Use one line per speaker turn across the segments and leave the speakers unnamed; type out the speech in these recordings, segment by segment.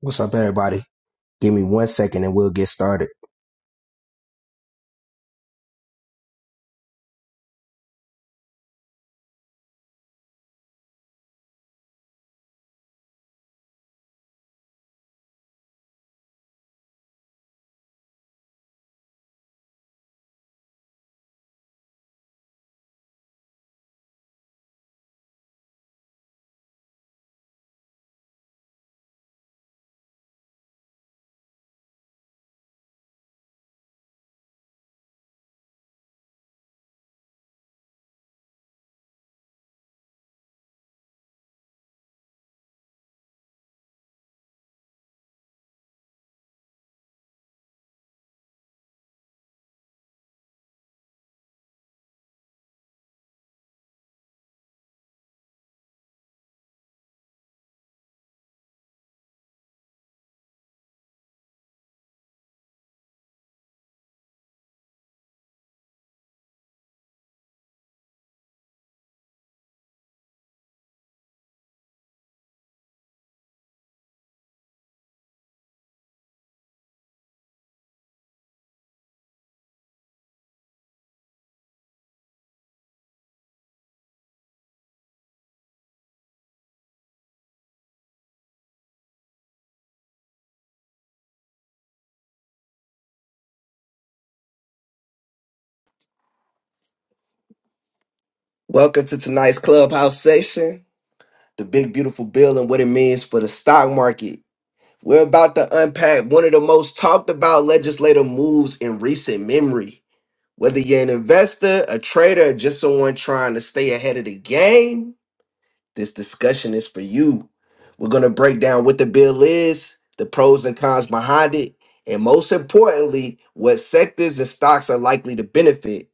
What's up, everybody? Give me one second and we'll get started. Welcome to tonight's clubhouse session, the big beautiful bill and what it means for the stock market. We're about to unpack one of the most talked about legislative moves in recent memory. Whether you're an investor, a trader, or just someone trying to stay ahead of the game, this discussion is for you. We're going to break down what the bill is, the pros and cons behind it, and most importantly, what sectors and stocks are likely to benefit.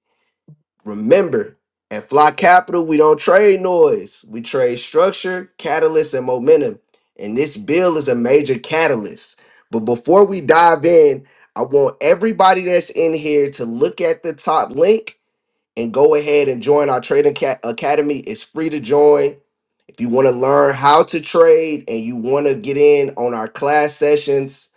Remember, at Fly Capital, we don't trade noise. We trade structure, catalyst, and momentum. And this bill is a major catalyst. But before we dive in, I want everybody that's in here to look at the top link and go ahead and join our Trading Ca- Academy. It's free to join. If you want to learn how to trade and you want to get in on our class sessions,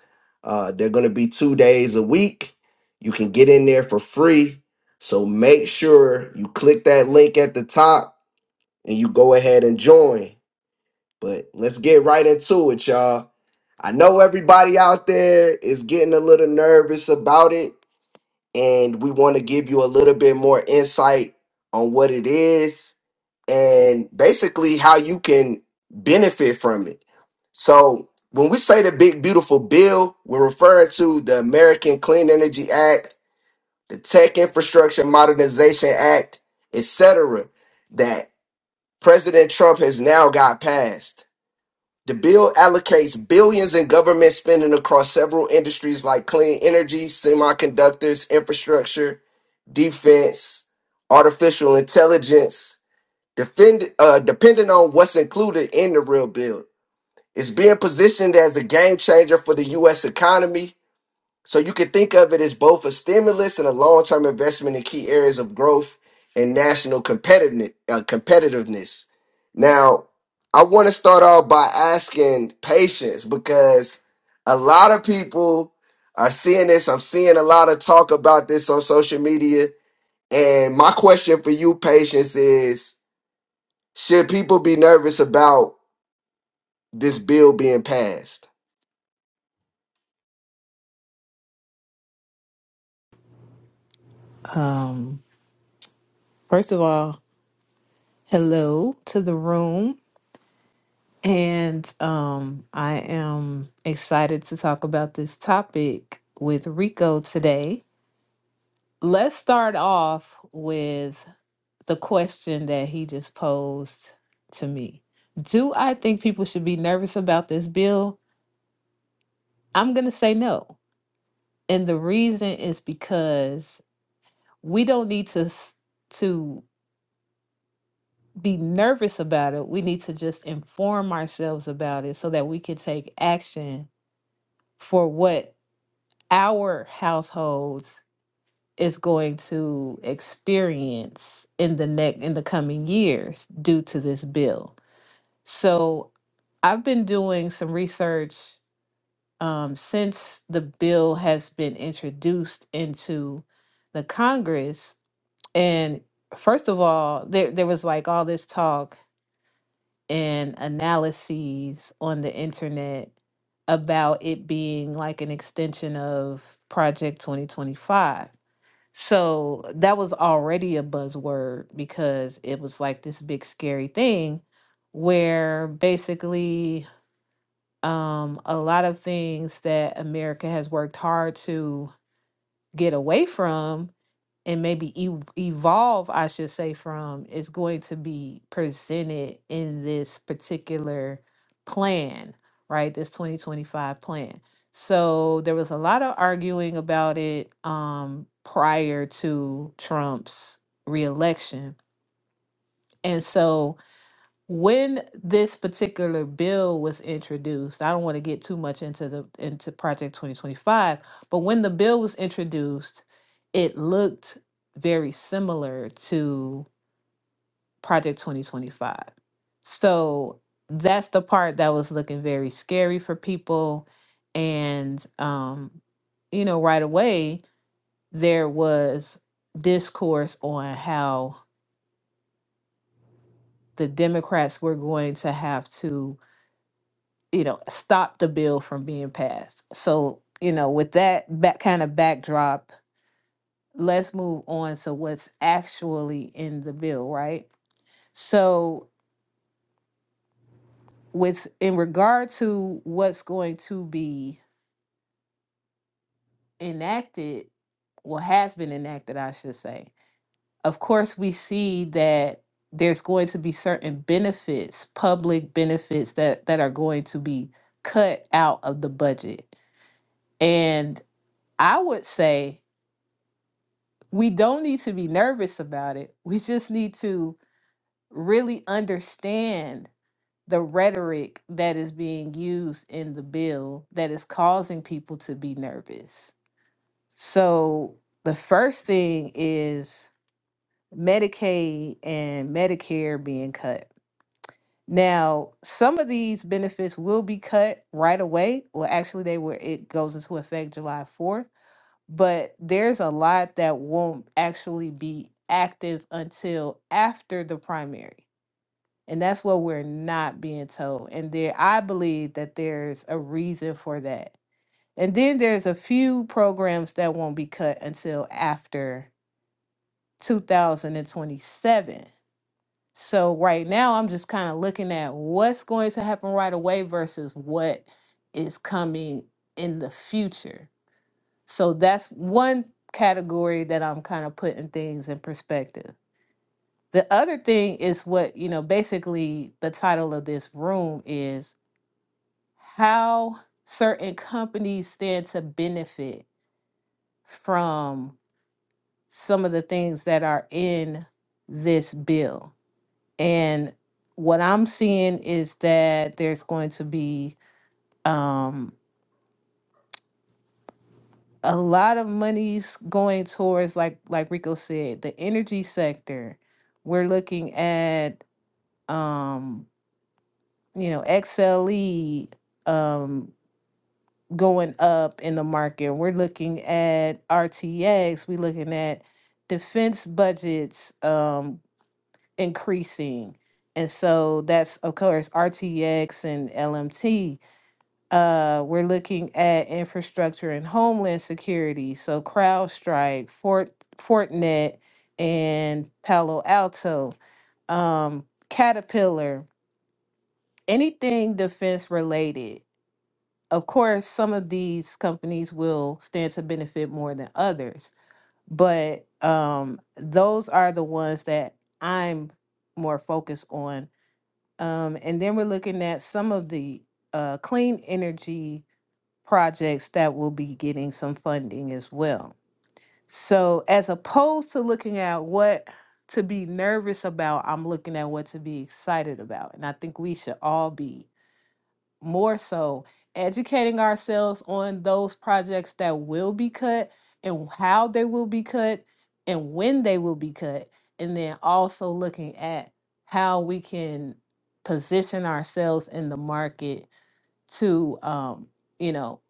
uh, they're going to be two days a week. You can get in there for free. So make sure you click that link at the top and you go ahead and join. But let's get right into it, y'all. I know everybody out there is getting a little nervous about it and we want to give you a little bit more insight on what it is and basically how you can benefit from it. So, when we say the big beautiful bill, we're referring to the American Clean Energy Act, the Tech Infrastructure Modernization Act, etc. that President Trump has now got passed. The bill allocates billions in government spending across several industries like clean energy, semiconductors, infrastructure, defense, artificial intelligence. Defend, uh, depending on what's included in the real bill, it's being positioned as a game changer for the U.S. economy so you can think of it as both a stimulus and a long-term investment in key areas of growth and national competitiveness. Uh, competitiveness. Now, I want to start off by asking patience because a lot of people are seeing this. I'm seeing a lot of talk about this on social media. And my question for you, patience, is should people be nervous about this bill being passed?
Um, first of all, hello to the room. And um, I am excited to talk about this topic with Rico today. Let's start off with the question that he just posed to me Do I think people should be nervous about this bill? I'm going to say no. And the reason is because we don't need to s- to be nervous about it. We need to just inform ourselves about it so that we can take action for what our households is going to experience in the next in the coming years due to this bill. So I've been doing some research um, since the bill has been introduced into the Congress. And first of all, there there was like all this talk and analyses on the internet about it being like an extension of Project 2025. So that was already a buzzword because it was like this big scary thing where basically um, a lot of things that America has worked hard to get away from and maybe ev- evolve, I should say, from is going to be presented in this particular plan, right? This 2025 plan. So there was a lot of arguing about it um, prior to Trump's reelection. And so when this particular bill was introduced i don't want to get too much into the into project 2025 but when the bill was introduced it looked very similar to project 2025 so that's the part that was looking very scary for people and um you know right away there was discourse on how the democrats were going to have to you know, stop the bill from being passed. So, you know, with that back kind of backdrop, let's move on to what's actually in the bill, right? So, with in regard to what's going to be enacted, well, has been enacted, I should say. Of course, we see that there's going to be certain benefits, public benefits that that are going to be cut out of the budget. And I would say we don't need to be nervous about it. We just need to really understand the rhetoric that is being used in the bill that is causing people to be nervous. So, the first thing is Medicaid and Medicare being cut. Now, some of these benefits will be cut right away. Well, actually, they were, it goes into effect July 4th but there's a lot that won't actually be active until after the primary. And that's what we're not being told. And there I believe that there's a reason for that. And then there's a few programs that won't be cut until after 2027. So right now I'm just kind of looking at what's going to happen right away versus what is coming in the future so that's one category that I'm kind of putting things in perspective. The other thing is what, you know, basically the title of this room is how certain companies stand to benefit from some of the things that are in this bill. And what I'm seeing is that there's going to be um, a lot of money's going towards like like Rico said, the energy sector. We're looking at um, you know, XLE um going up in the market. We're looking at RTX, we're looking at defense budgets um increasing. And so that's of course RTX and LMT Uh, we're looking at infrastructure and homeland security. So CrowdStrike, Fort, Fortinet, and Palo Alto, um, Caterpillar, anything defense related. Of course, some of these companies will stand to benefit more than others, but um, those are the ones that I'm more focused on. Um, and then we're looking at some of the uh, clean energy projects that will be getting some funding as well. So, as opposed to looking at what to be nervous about, I'm looking at what to be excited about. And I think we should all be more so educating ourselves on those projects that will be cut and how they will be cut and when they will be cut. And then also looking at how we can position ourselves in the market to um, you know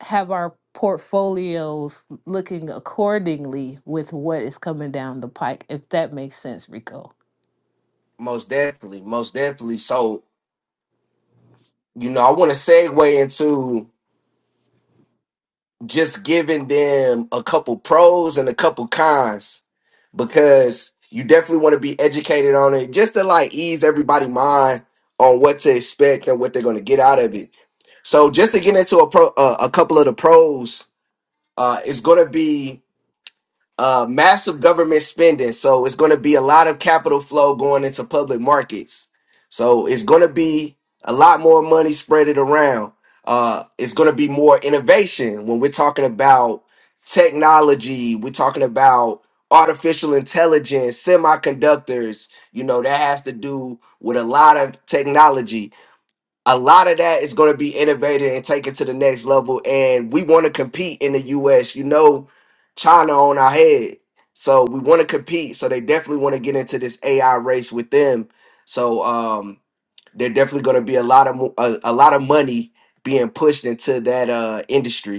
have our portfolios looking accordingly with what is coming down the pike, if that makes sense, Rico.
Most definitely. Most definitely. So, you know, I want to segue into just giving them a couple pros and a couple cons because you definitely want to be educated on it just to like ease everybody mind on what to expect and what they're going to get out of it. So just to get into a pro, uh, a couple of the pros, uh, it's going to be uh, massive government spending. So it's going to be a lot of capital flow going into public markets. So it's going to be a lot more money spread it around. Uh, it's going to be more innovation when we're talking about technology. We're talking about artificial intelligence, semiconductors. You know that has to do with a lot of technology a lot of that is going to be innovated and taken to the next level. And we want to compete in the U.S. You know, China on our head, so we want to compete. So they definitely want to get into this AI race with them. So um, they're definitely going to be a lot of mo- a, a lot of money being pushed into that uh, industry.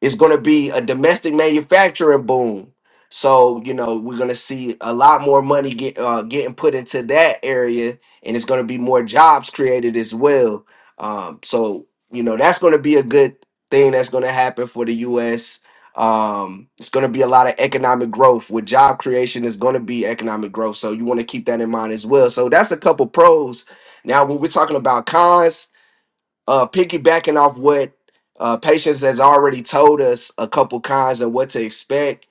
It's going to be a domestic manufacturing boom. So you know we're going to see a lot more money get uh, getting put into that area, and it's going to be more jobs created as well. Um, so you know that's going to be a good thing that's going to happen for the U.S. Um, it's going to be a lot of economic growth with job creation. Is going to be economic growth, so you want to keep that in mind as well. So that's a couple pros. Now, when we're talking about cons, uh, piggybacking off what uh, Patience has already told us a couple cons of what to expect,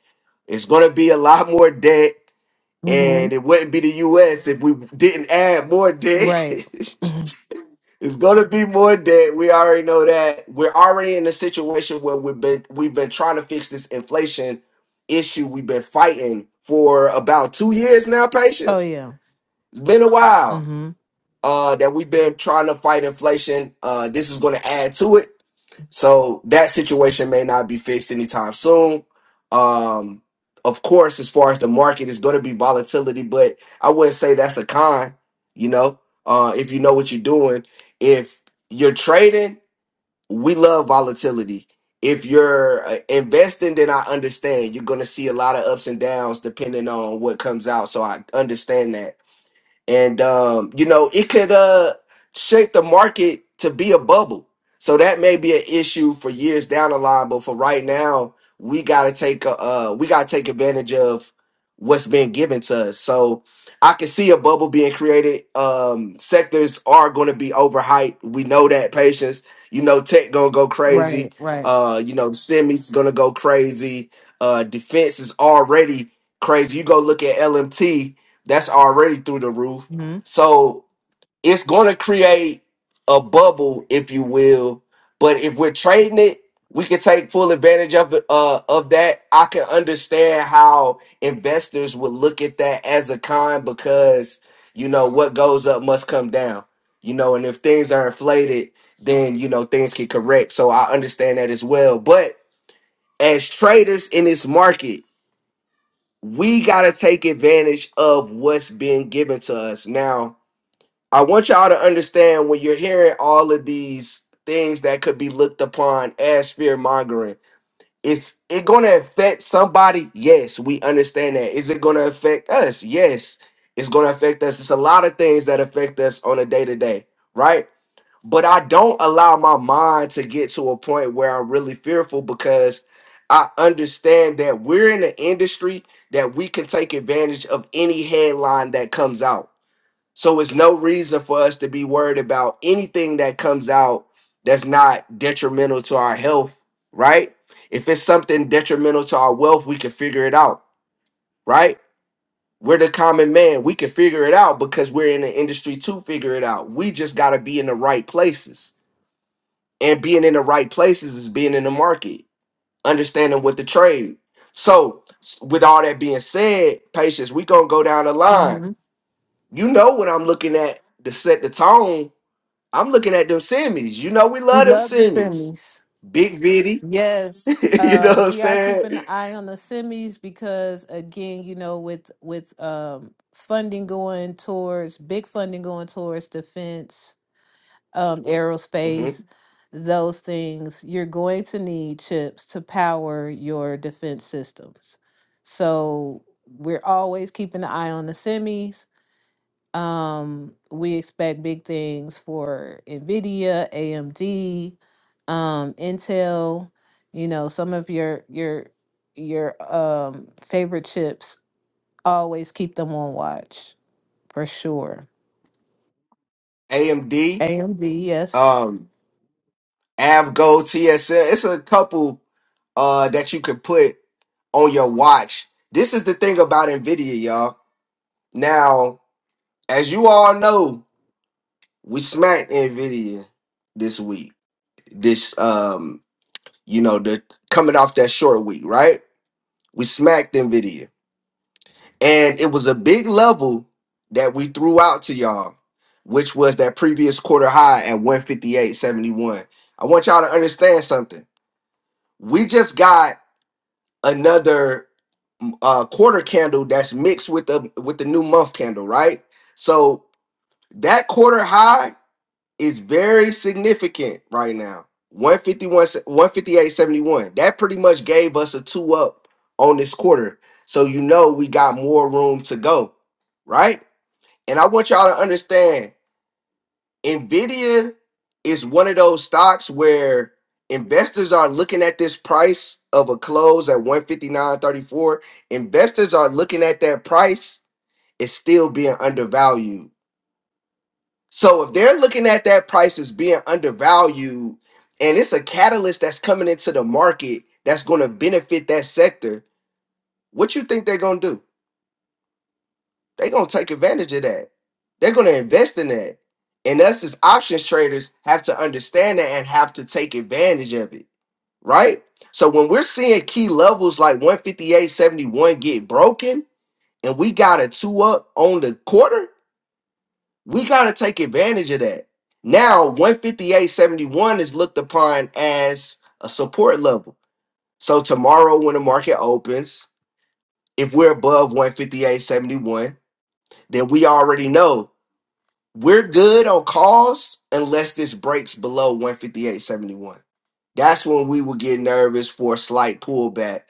it's going to be a lot more debt,
hmm
and it wouldn't be the U.S. if we didn't add more debt.
Right. Mhm.
it's going to be more debt. We already know that. We're already in a situation where we've been we've been trying to fix this inflation issue. We've been fighting for about two years now.
Oh
Patience.
yeah.
It's been a
Mm
while
hmm
uh, that we've been trying to fight inflation. Uh, this is going to add to it so that situation may not be fixed anytime soon. Um, of course, as far as the market, is going to be volatility, but I wouldn't say that's a con. You know, uh, if you know what you're doing, if you're trading, we love volatility. If you're uh, investing, then I understand you're going to see a lot of ups and downs depending on what comes out. So I understand that and um, you know it could uh, shape the market to be a bubble. So that may be an issue for years down the line, but for right now, we gotta take a, uh, we gotta take advantage of what's been given to us. So I can see a bubble being created. Um, sectors are going to be overhyped. We know that patience. You know, tech gonna go crazy.
Right. Right.
Uh, you know, semis gonna go crazy. Uh, defense is already crazy. You go look at LMT that's already through the roof.
hmm
So it's going to create a bubble, if you will. But if we're trading it, we can take full advantage of it, uh, of that. I can understand how investors would look at that as a con because you know what goes up must come down. You know, and if things are inflated, then you know things can correct. So I understand that as well. But as traders in this market, we got to take advantage of what's being given to us. Now, I want y'all to understand when you're hearing all of these things that could be looked upon as fear mongering, it's it going to affect somebody? Yes, we understand that. Is it going to affect us? Yes, it's going to affect us. It's a lot of things that affect us on a day to day, right? but I don't allow my mind to get to a point where I'm really fearful because I understand that we're in an industry that we can take advantage of any headline that comes out. So it's no reason for us to be worried about anything that comes out that's not detrimental to our health, right? If it's something detrimental to our wealth, we can figure it out, right? We're the common man. We can figure it out because we're in the industry to figure it out. We just got to be in the right places and being in the right places is being in the market, understanding what the trade. So, s- with all that being said, patience, we gonna go down the line.
hmm
You know what I'm looking at to set the tone. I'm looking at them semis. You know we
We
love them
love the
semis.
semis.
Big Vitty,
Yes.
you know what
Uh,
I'm
we are
saying?
keeping an eye on the semis because again, you know, with with um funding going towards big funding going towards defense, um,
Mhm.
aerospace, those things, you're going to need chips to power your defense systems. So we're always keeping an eye on the semis. Um, we expect big things for NVIDIA, AMD, um, Intel, you know, some of your your your um favorite chips, always keep them on watch for sure.
AMD,
AMD, yes.
um, Avgo, TSL. It's a couple uh that you could put on your watch. This is the thing about Nvidia, y'all. Now as you all know, we smacked Nvidia this week. This um, you know, the coming off that short week, right? We smacked Nvidia, and it was a big level that we threw out to y'all, which was that previous quarter high at 158.71. I want y'all to understand something. We just got another mm, uh, quarter candle that's mixed with the with the new month candle, right? So that quarter high is very significant right now. 151 158.71. That pretty much gave us a two up on this quarter. So you know we got more room to go, right? And I want y'all to understand Nvidia is one of those stocks where investors are looking at this price of a close at 159.34. Investors are looking at that price, it's still being undervalued so if they're looking at that price as being undervalued, and it's a catalyst that's coming into the market that's going to benefit that sector, what you think they're going to do? They're going to take advantage of that. They're going to invest in that. And us as options traders have to understand that and have to take advantage of it, right? So when we're seeing key levels like 158.71 get broken and we got a two up on the quarter, We got to take advantage of that. Now, 158.71 is looked upon as a support level. So, tomorrow, when the market opens, if we're above 158.71, then we already know we're good on calls unless this breaks below 158.71. That's when we will get nervous for a slight pullback.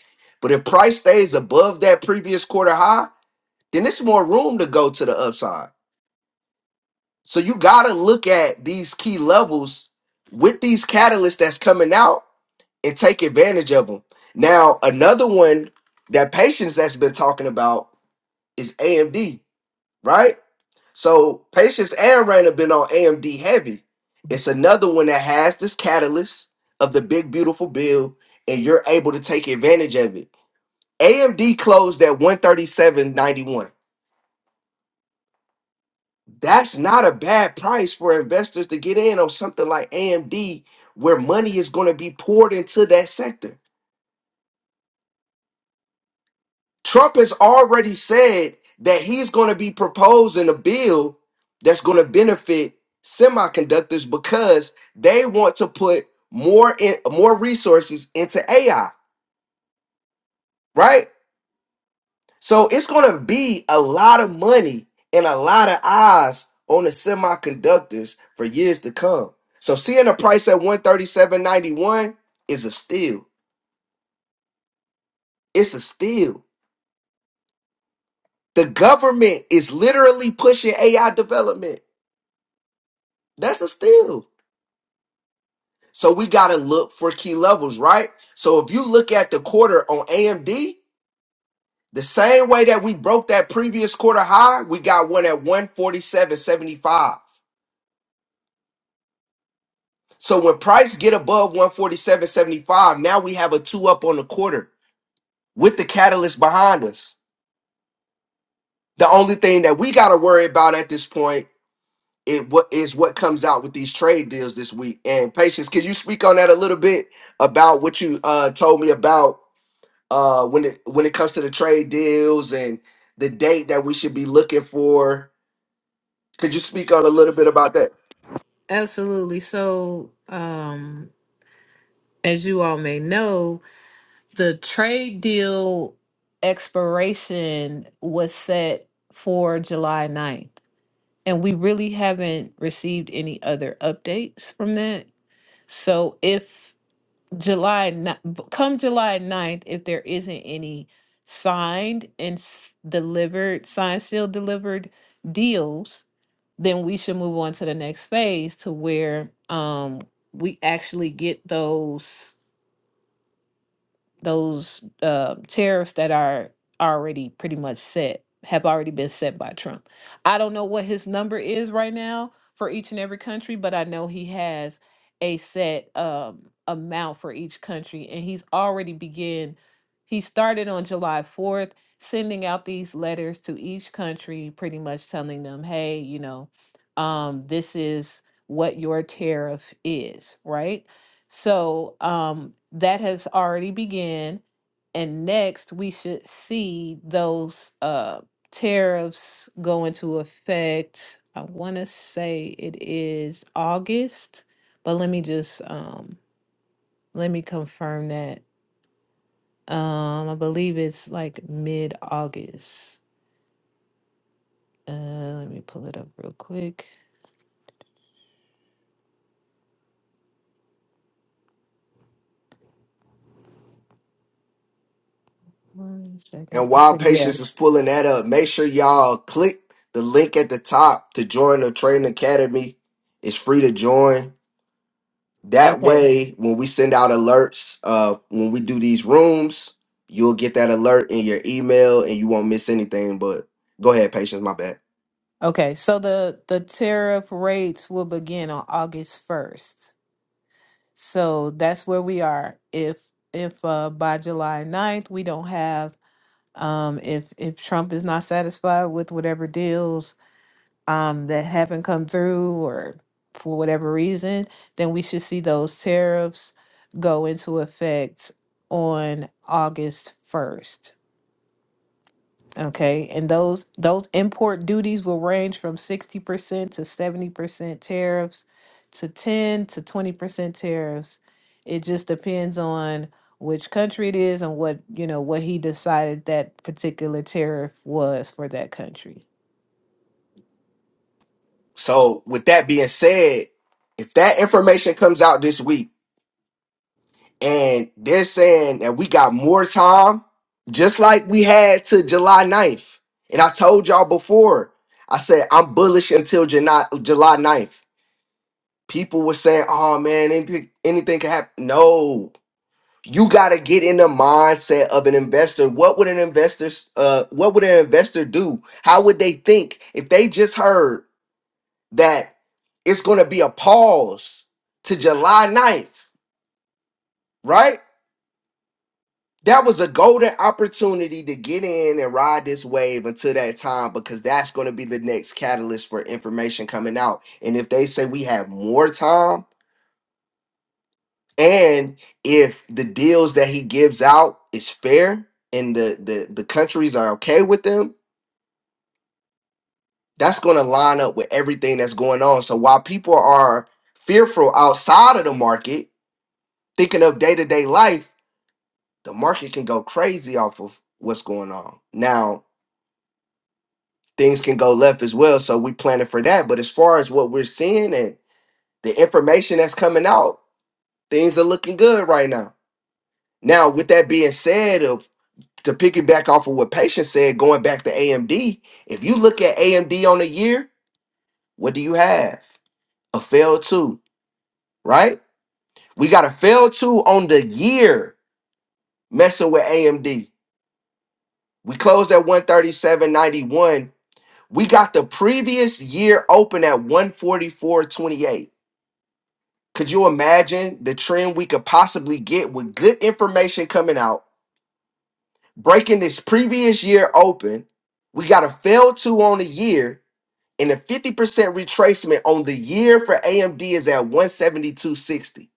But if price stays above that previous quarter high, then it's more room to go to the upside. So you gotta look at these key levels with these catalysts that's coming out and take advantage of them. Now, another one that patience that's been talking about is AMD, right? So patience and Rain have been on AMD heavy. It's another one that has this catalyst of the big beautiful bill, and you're able to take advantage of it. AMD closed at 137.91. that's not a bad price for investors to get in on something like AMD, where money is going to be poured into that sector. Trump has already said that he's going to be proposing a bill that's going to benefit semiconductors because they want to put more in more resources into AI, right? So it's going to be a lot of money and a lot of eyes on the semiconductors for years to come. So seeing the price at 137.91 is a steal. It's a steal. The government is literally pushing AI development. That's a steal. So we got to look for key levels, right? So if you look at the quarter on AMD, the same way that we broke that previous quarter high, we got one at 147.75. So when price get above 147.75, now we have a two up on the quarter with the catalyst behind us. The only thing that we got to worry about at this point it what is what comes out with these trade deals this week. And patience, can you speak on that a little bit about what you uh told me about uh when it when it comes to the trade deals and the date that we should be looking for? Could you speak on a little bit about that?
Absolutely. So, um, as you all may know, the trade deal expiration was set for July ninth, and we really haven't received any other updates from that. So, if July ni- come July ninth, if there isn't any signed and s- delivered, signed, sealed, delivered deals, then we should move on to the next phase to where um we actually get those those uh, tariffs that are already pretty much set have already been set by Trump. I don't know what his number is right now for each and every country, but I know he has a set um, amount for each country, and he's already begin. He started on July fourth, sending out these letters to each country, pretty much telling them, "Hey, you know, um, this is what your tariff is, right?" So um, that has already begun. And next, we should see those uh, tariffs go into effect. I want to say it is August, but let me just um, let me confirm that. Um, I believe it's like mid August. Uh, let me pull it up real quick. One second.
And while
Okay, yeah.
Patience is pulling that up, make sure y'all click the link at the top to join the Trading Academy. It's free to join. That
Okay.
way, when we send out alerts, uh, when we do these rooms, you'll get that alert in your email and you won't miss anything. But go ahead, Patience, my bad.
Okay, so the the tariff rates will begin on August 1st. So that's where we are. If if uh by July ninth we don't have um if if Trump is not satisfied with whatever deals um that haven't come through or for whatever reason, then we should see those tariffs go into effect on August 1st. Okay, and those those import duties will range from 60% to 70% tariffs to 10 to 20% tariffs. It just depends on which country it is and what, you know, what he decided that particular tariff was for that country.
So, with that being said, if that information comes out this week, and they're saying that we got more time, just like we had to July ninth. And I told y'all before, I said I'm bullish until July, July 9th. People were saying, oh man, anything, anything can happen. No, you gotta get in the mindset of an investor. What would an investor uh what would an investor do? How would they think if they just heard that it's gonna be a pause to July ninth, right? that was a golden opportunity to get in and ride this wave until that time because that's going to be the next catalyst for information coming out. And if they say we have more time and if the deals that he gives out is fair and the the, the countries are okay with them, that's going to line up with everything that's going on. So while people are fearful outside of the market, thinking of day-to-day life, the market can go crazy off of what's going on. Now, things can go left as well. So we planning for that. But as far as what we're seeing and the information that's coming out, things are looking good right now. Now, with that being said, of to piggyback off of what patient said, going back to AMD, if you look at AMD on a year, what do you have? A fail two, right? We got a fail two on the year messing with AMD. We closed at 137.91. We got the previous year open at 144.28 Could you imagine the trend we could possibly get with good information coming out, breaking this previous year open? We got a fail two on the year and a 50% retracement on the year for AMD is at 172.60.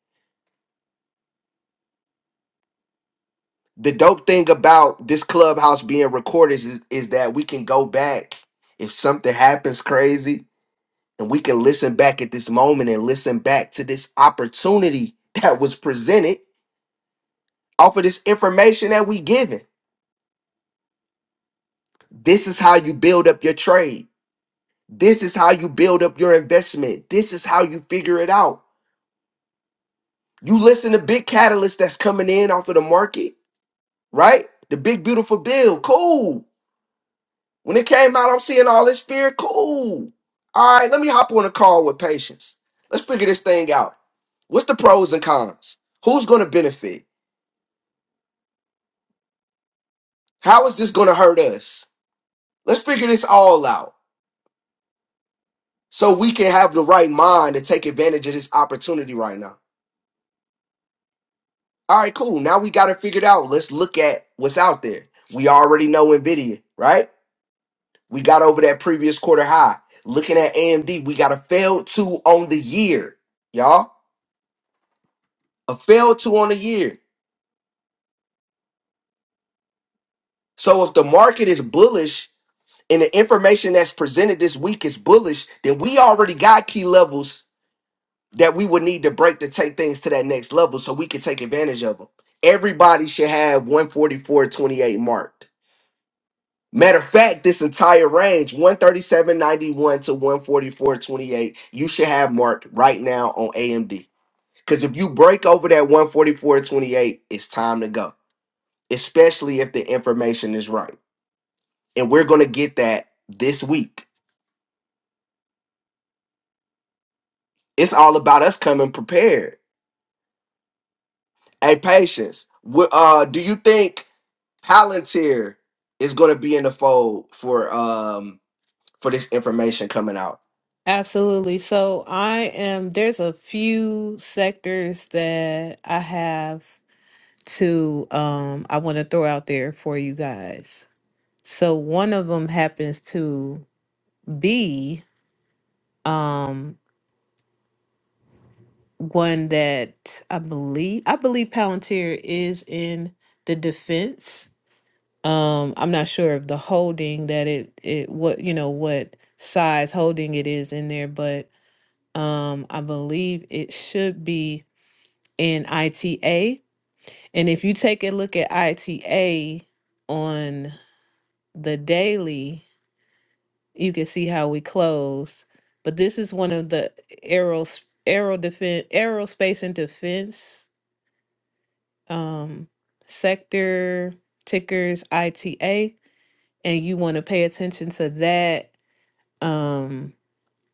The dope thing about this clubhouse being recorded is, is that we can go back if something happens crazy and we can listen back at this moment and listen back to this opportunity that was presented off of this information that we given. This is how you build up your trade. This is how you build up your investment. This is how you figure it out. You listen to big catalyst that's coming in off of the market, right? The big beautiful bill, cool. When it came out, I'm seeing all this fear, cool. All right, let me hop on a call with patience. Let's figure this thing out. What's the pros and cons? Who's going to benefit? How is this going to hurt us? Let's figure this all out so we can have the right mind to take advantage of this opportunity right now. All right, cool. Now we got it figured out. Let's look at what's out there. We already know Nvidia, right? We got over that previous quarter high. Looking at AMD, we got a failed two on the year, y'all. A failed two on the year. So if the market is bullish and the information that's presented this week is bullish, then we already got key levels that we would need to break to take things to that next level so we can take advantage of them. Everybody should have 144.28 marked. Matter of fact, this entire range, 137.91 to 144.28, you should have marked right now on AMD. Because if you break over that 144.28, it's time to go, especially if the information is right. And we're going to get that this week. It's all about us coming prepared. Hey, patience. wh- Uh, do you think Palantir is going to be in the fold for um for this information coming out?
Absolutely. So I am there's a few sectors that I have to um I want to throw out there for you guys. So one of them happens to B, um, one that I believe I believe Palantir is in the defense. Um, I'm not sure of the holding that it it what you know what size holding it is in there, but um, I believe it should be in ITA. And if you take a look at ITA on the daily, you can see how we close. But this is one of the aeros aero defense aerospace and defense um, sector tickers ITA, and you want to pay attention to that. Um,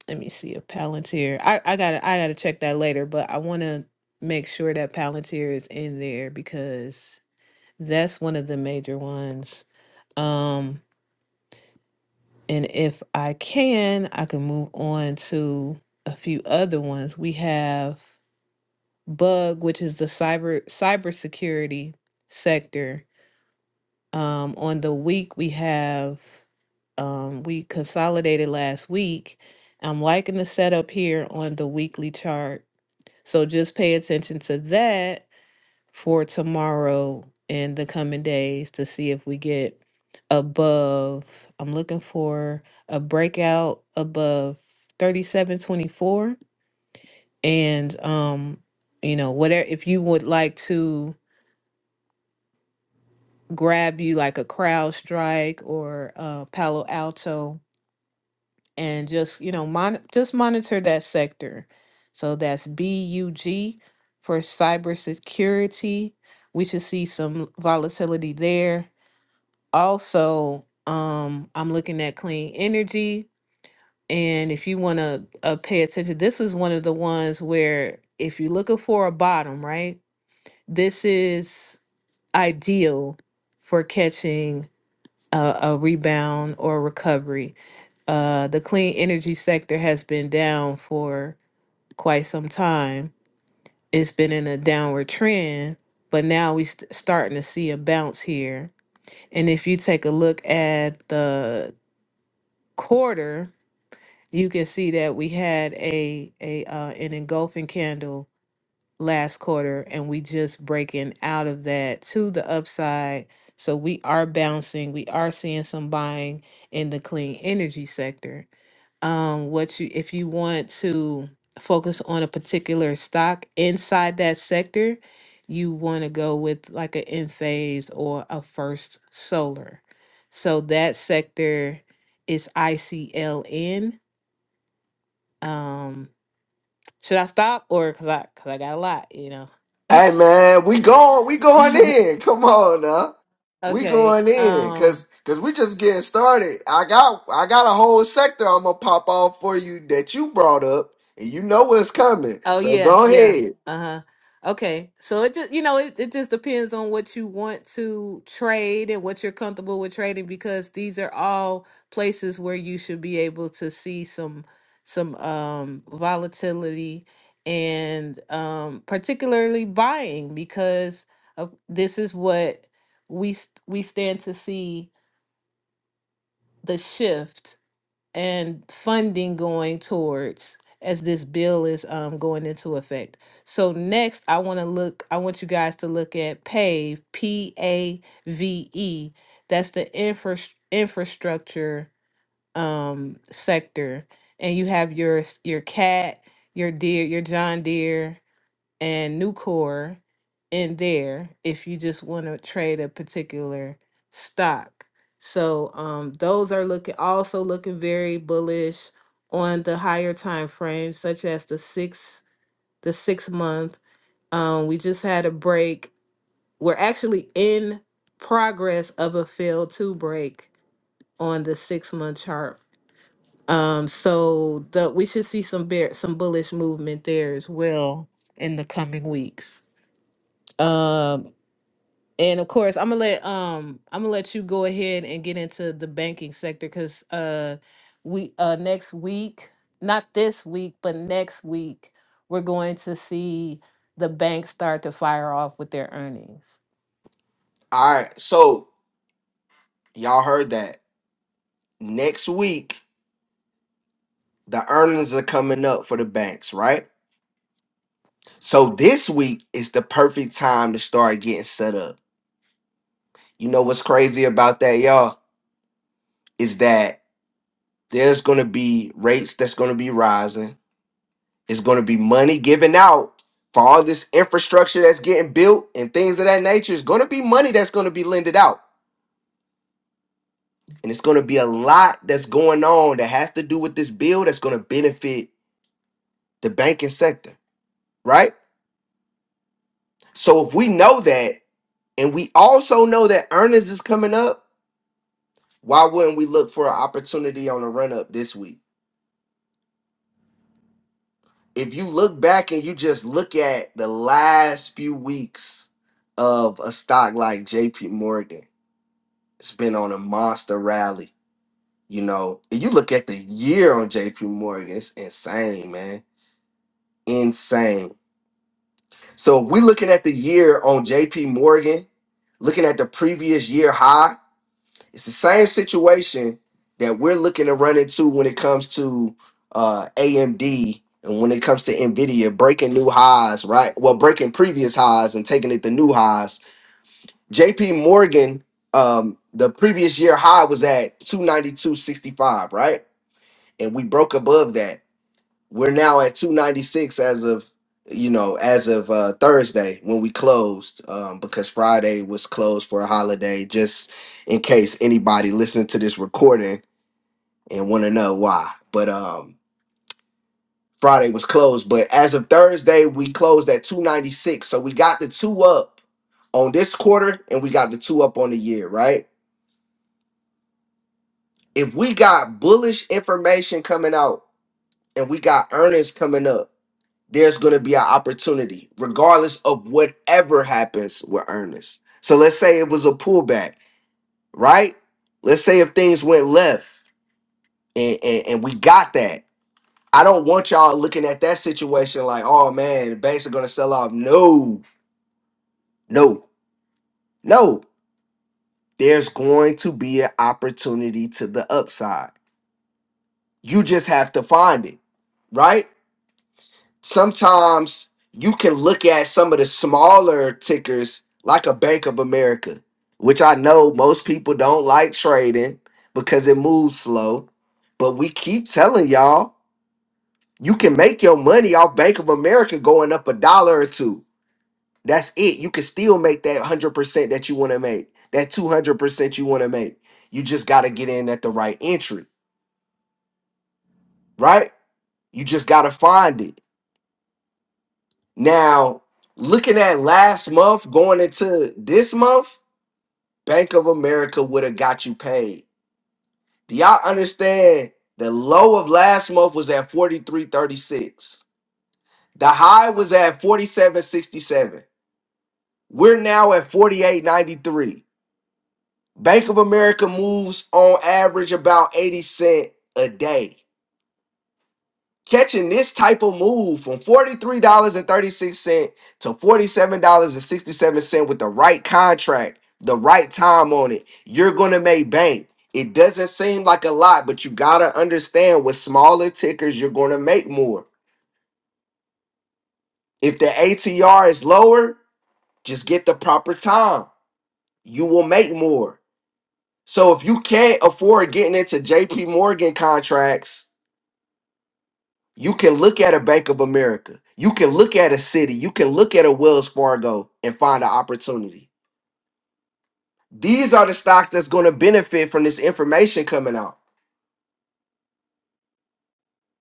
let me see a Palantir. I I gotta I gotta check that later, but I want to make sure that Palantir is in there because that's one of the major ones. Um, And if I can, I can move on to a few other ones. We have Bug, which is the cyber cybersecurity sector. Um, on the week we have um, we consolidated last week. I'm liking the setup here on the weekly chart. So just pay attention to that for tomorrow and the coming days to see if we get above. I'm looking for a breakout above 3724 and um you know whatever if you would like to grab you like a crowd strike or uh Palo Alto and just you know mon- just monitor that sector. So that's BUG for cybersecurity. We should see some volatility there also um i'm looking at clean energy and if you want to uh, pay attention this is one of the ones where if you're looking for a bottom right this is ideal for catching a, a rebound or recovery uh the clean energy sector has been down for quite some time it's been in a downward trend but now we're starting to see a bounce here and if you take a look at the quarter, you can see that we had a a uh, an engulfing candle last quarter, and we just breaking out of that to the upside. So we are bouncing. We are seeing some buying in the clean energy sector um what you if you want to focus on a particular stock inside that sector you want to go with like an Enphase or a first solar so that sector is icln um should i stop or because i because i got a lot you know
Hey man, we going, we going in. Come on now, we
okay
going in,
um
cause cause we just getting started. I got I got a whole sector I'm gonna pop off for you that you brought up, and you know what's coming.
Oh
So
yeah,
go
yeah.
ahead.
Uh-huh. Okay. So it just you know, it, it just depends on what you want to trade and what you're comfortable with trading because these are all places where you should be able to see some some um volatility and um particularly buying because of, this is what we st- we stand to see the shift and funding going towards as this bill is um, going into effect. So next, I want to look. I want you guys to look at PAVE, P A V E. That's the infra- infrastructure um, sector, and you have your s- your CAT, your Deere, your John Deere and Nucor in there if you just want to trade a particular stock. So um, those are looking also looking very bullish on the higher time frames, such as the six the six month. Um, we just had a break. We're actually in progress of a failed to break on the six month chart. Um, so the we should see some bear some bullish movement there as well in the coming weeks. Um, And of course, I'm gonna let um I'm gonna let you go ahead and get into the banking sector because uh we uh next week, not this week, but next week, we're going to see the banks start to fire off with their earnings.
All right, so y'all heard that. Next week the earnings are coming up for the banks, right? So this week is the perfect time to start getting set up. You know what's crazy about that, y'all, is that there's going to be rates that's going to be rising It's going to be money given out for all this infrastructure that's getting built and things of that nature. It's going to be money that's going to be lended out. And it's going to be a lot that's going on that has to do with this bill that's going to benefit the banking sector, right? So if we know that, and we also know that earnings is coming up, why wouldn't we look for an opportunity on the run up this week? If you look back and you just look at the last few weeks of a stock like JP Morgan, it's been on a monster rally. You know, and you look at the year on JP Morgan, it's insane, man. Insane. So if we looking at the year on JP Morgan, looking at the previous year high, it's the same situation that we're looking to run into when it comes to uh AMD and when it comes to Nvidia breaking new highs, right? Well, breaking previous highs and taking it to new highs JP Morgan, um, the previous year high was at 292.65, right? And we broke above that. We're now at 296 as of you know, as of uh Thursday when we closed, um, because Friday was closed for a holiday, just in case anybody listening to this recording and wanna know why. But um Friday was closed, but as of Thursday, we closed at 296. So we got the two up on this quarter and we got the two up on the year, right? if we got bullish information coming out and we got earnings coming up, there's going to be an opportunity, regardless of whatever happens with earnings. So let's say it was a pullback, right? Let's say if things went left and, and, and we got that. I don't want y'all looking at that situation like, oh man, the banks are going to sell off. No, no, no. There's going to be an opportunity to the upside. You just have to find it, right? sometimes you can look at some of the smaller tickers like a Bank of America, which I know most people don't like trading because it moves slow. But we keep telling y'all you can make your money off Bank of America going up a dollar or two. That's it. You can still make that 100% that you want to make, that 200% you want to make. You just got to get in at the right entry, right? You just got to find it. Now, looking at last month going into this month, Bank of America would have got you paid. Do y'all understand? The low of last month was at 43.36. The high was at 47.67. We're now at 48.93. Bank of America moves on average about 80 cent a day. Catching this type of move from $43.36 to $47.67 with the right contract, the right time on it, you're going to make bank. It doesn't seem like a lot, but you got to understand with smaller tickers, you're going to make more. If the ATR is lower, just get the proper time. You will make more. So if you can't afford getting into JP Morgan contracts, You can look at a Bank of America. You can look at a City. You can look at a Wells Fargo and find an opportunity. These are the stocks that's going to benefit from this information coming out.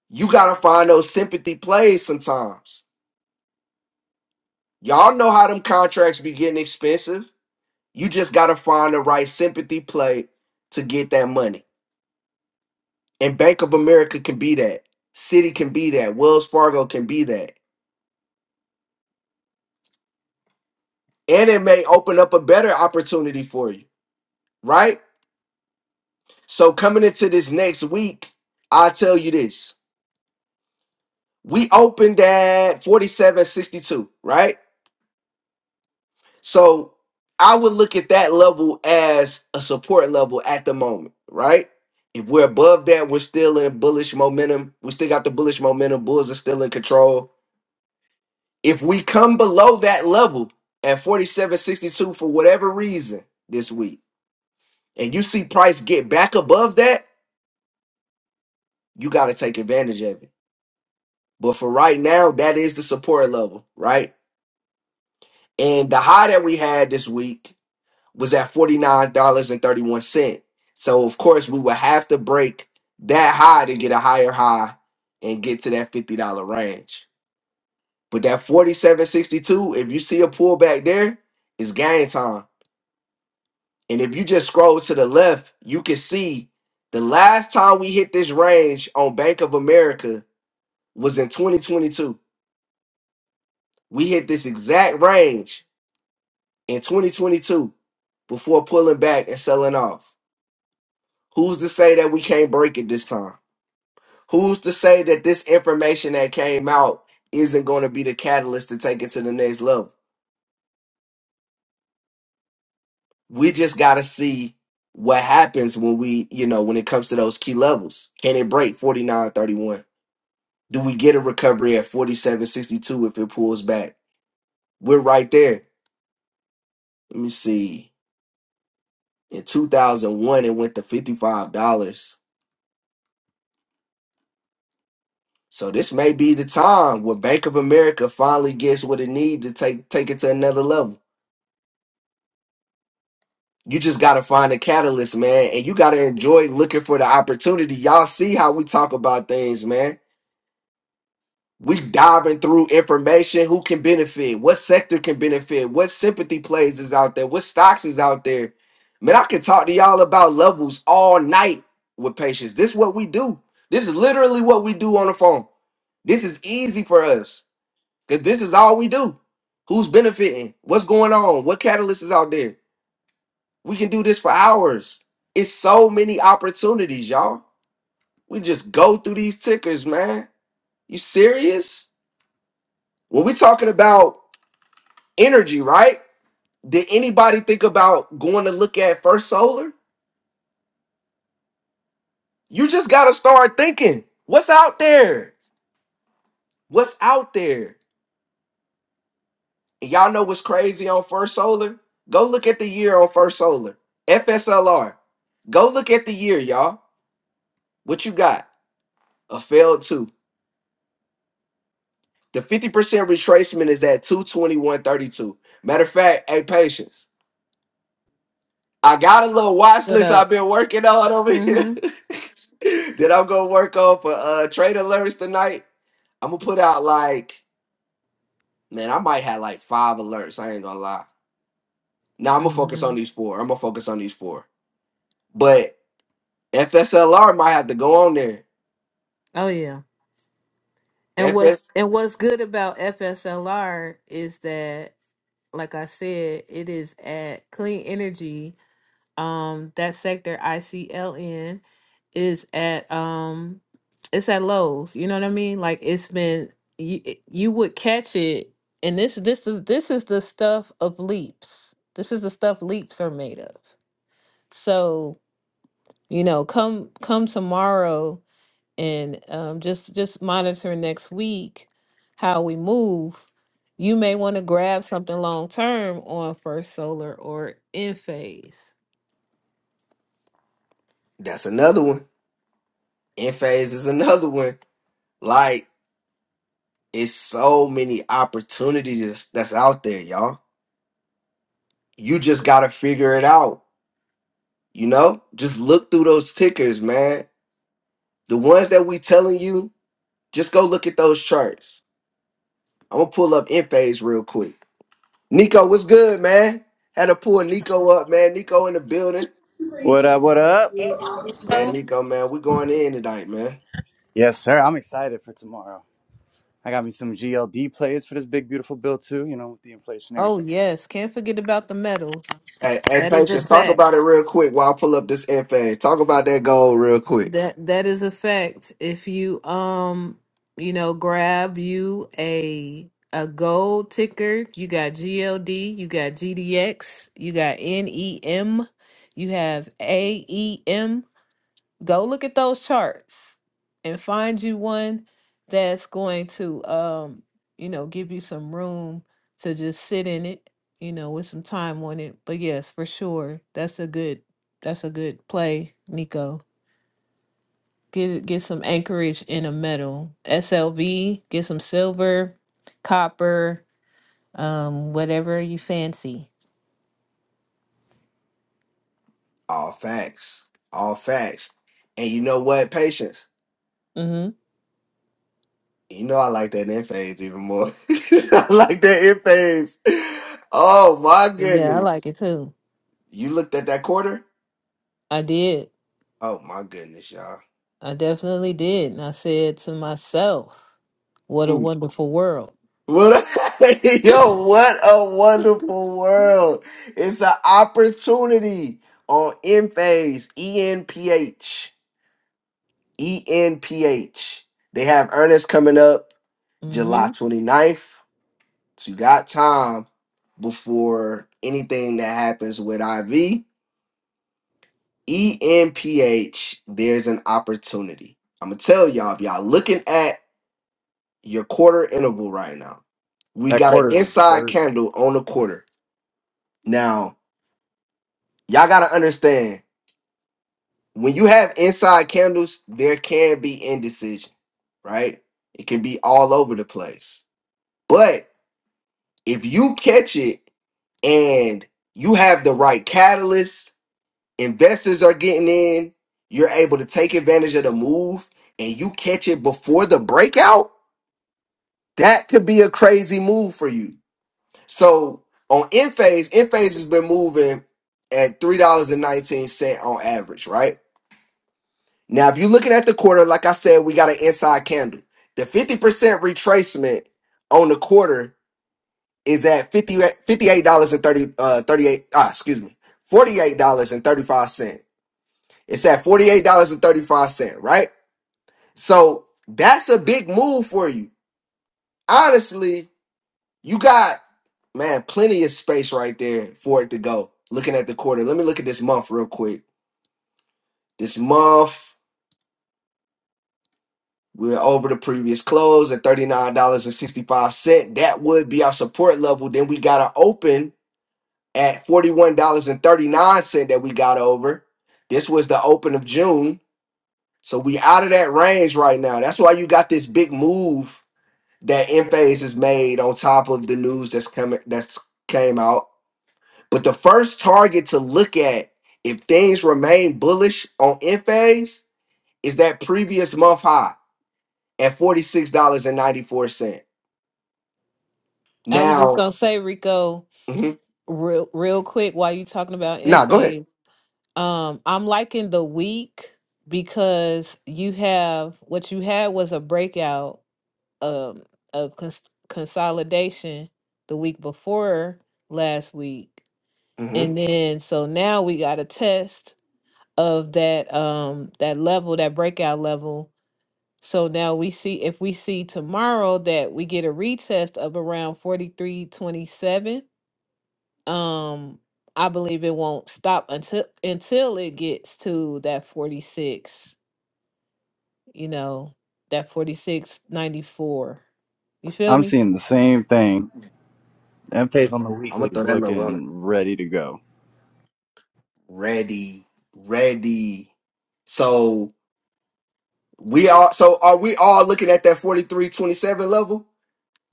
You got to find those sympathy plays sometimes. Y'all know how them contracts be getting expensive. You just got to find the right sympathy play to get that money. And Bank of America can be that. City can be that. Wells Fargo can be that. And it may open up a better opportunity for you, right? So coming into this next week, I tell you this. We opened at 4762, right? So I would look at that level as a support level at the moment, right? If we're above that, we're still in bullish momentum. We still got the bullish momentum. Bulls are still in control. If we come below that level at 4762 for whatever reason this week, and you see price get back above that, you got to take advantage of it But for right now, that is the support level, right? And the high that we had this week was at $49.31. So of course we would have to break that high to get a higher high and get to that $50 range. But that 47.62, if you see a pullback there, it's game time. And if you just scroll to the left, you can see the last time we hit this range on Bank of America was in 2022. We hit this exact range in 2022 before pulling back and selling off? Who's to say that we can't break it this time? Who's to say that this information that came out isn't going to be the catalyst to take it to the next level? We just got to see what happens when we, you know, when it comes to those key levels. Can it break 49.31? Do we get a recovery at 47.62 if it pulls back? We're right there. Let me see. In 2001, it went to $55. So this may be the time where Bank of America finally gets what it needs to take take it to another level. You just gotta find a catalyst, man, and you gotta enjoy looking for the opportunity. Y'all see how we talk about things, man. We diving through information. Who can benefit? What sector can benefit? What sympathy plays is out there? What stocks is out there? Man, I can talk to y'all about levels all night with patients. This is what we do. This is literally what we do on the phone. This is easy for us Because this is all we do. Who's benefiting? What's going on? What catalyst is out there? We can do this for hours. It's so many opportunities, y'all. We just go through these tickers, man. You serious? When we're talking about energy, right? Did anybody think about going to look at First Solar? You just got to start thinking what's out there? What's out there? And y'all know what's crazy on First Solar? Go look at the year on First Solar, FSLR. Go look at the year, y'all. What you got? A failed two. The 50% retracement is at 221.32. Matter of fact, hey, patience. I got a little watch
What
list I've
up?
been working on over here
Mm-hmm.
that I'm gonna work on for uh trade alerts tonight. I'm gonna put out like, man, I might have like five alerts. I ain't gonna lie. Now I'm gonna focus
mm-hmm.
on these four. I'm gonna focus on these four. But FSLR might have to go on there.
Oh yeah. And what's
FS,
and what's good about FSLR is that, like I said, it is at clean energy Um, that sector ICLN is at um, it's at Lowe's. You know what I mean? Like it's been you it- you would catch it, and this this is this is the stuff of leaps. This is the stuff leaps are made of. So you know, come come tomorrow and um, just just monitor next week how we move you may want to grab something long term on First Solar or Enphase.
that's another one. Enphase is another one. Like It's so many opportunities that's out there, y'all. You just gotta figure it out. You know, just look through those tickers, man. The ones that we telling you, just go look at those charts. I'm gonna pull up Enphase real quick. Nico, what's good, man? Had to pull Nico up, man. Nico in the building.
What up, what up?
Hey, Nico, man, we going in tonight, man.
Yes, sir. I'm excited for tomorrow. I got me some GLD plays for this big, beautiful bill, too, you know, with the inflationary
Oh
thing.
yes, can't forget about the medals.
Hey, hey,
That is a
patience, talk about it
fact.
real quick while I pull up this Enphase. Talk about that goal real quick.
That that is a fact. If you um, you know, grab you a a gold ticker, you got GLD, you got GDX, you got NEM, you have AEM. Go look at those charts and find you one that's going to um, you know, give you some room to just sit in it, you know, with some time on it. But yes, for sure. That's a good that's a good play, Nico. Get get some anchorage in a metal. SLV, get some silver, copper, um, whatever you fancy.
All facts. All facts. And you know what, patience?
Mm-hmm.
You know I like that end phase even more. I like that end phase. Oh my
Yeah, I like
goodness.
it too.
You looked at that quarter?
I did.
Oh my goodness, y'all.
I definitely did. And I said to myself, what a
Mm.
wonderful world.
What a, yo, what a wonderful world. It's an opportunity on end phase, E N P H E N P H. They have Ernest coming up July
hmm
29th. So you got time before anything that happens with IV E N P H. there's an opportunity. I'm gonna tell y'all if y'all looking at your quarter interval right now, we
That
got an
quarter is
inside
dirty.
candle on the quarter. Now, y'all gotta understand when you have inside candles, there can be indecision, right? It can be all over the place. But if you catch it and you have the right catalyst investors are getting in, you're able to take advantage of the move and you catch it before the breakout, that could be a crazy move for you. So on Enphase, Enphase has been moving at $3.19 on average, right? Now, if you're looking at the quarter, like I said, we got an inside candle. The 50% retracement on the quarter is at fifty fifty eight $58.30, uh, 38, ah, excuse me, $48.35. It's at $48.35, right? So that's a big move for you. Honestly, you got, man, plenty of space right there for it to go. Looking at the quarter, let me look at this month real quick. This month, we're over the previous close at $39.65. That would be our support level. Then we got to open at $41.39 that we got over. This was the open of June. So we out of that range right now. That's why you got this big move that Enphase has made on top of the news that's coming that's came out. But the first target to look at if things remain bullish on Enphase is that previous month high at forty six dollars and ninety four cent.
I was just
Now,
gonna say, Rico,
mhm.
real real quick, while you talking about in
nah, go ahead.
phase, um, I'm liking the week because you have what you had was a breakout um of cons- consolidation the week before last week,
hmm
and then so now we got a test of that um that level, that breakout level So now we see if we see tomorrow that we get a retest of around 4327, um I believe it won't stop until until it gets to that 46, you know, that 4694. You feel
I'm
me?
seeing the same thing.
I'm
That pays on the weekly
gonna throw
is
that level on it.
looking ready to go.
Ready, ready. So we all so are we all looking at that forty three twenty seven level?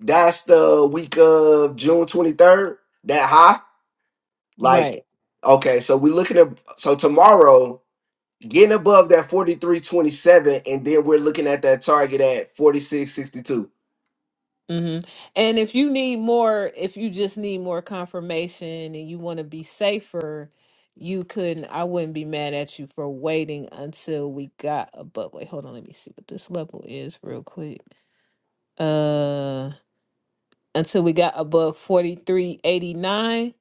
That's the week of June 23rd, that high.
Right.
Like, okay, so we're looking at so tomorrow getting above that 43.27, and then we're looking at that target at 46.62.
hmm And if you need more, if you just need more confirmation and you want to be safer, you couldn't, I wouldn't be mad at you for waiting until we got above. Wait, hold on. Let me see what this level is real quick. Uh, until we got above 4389.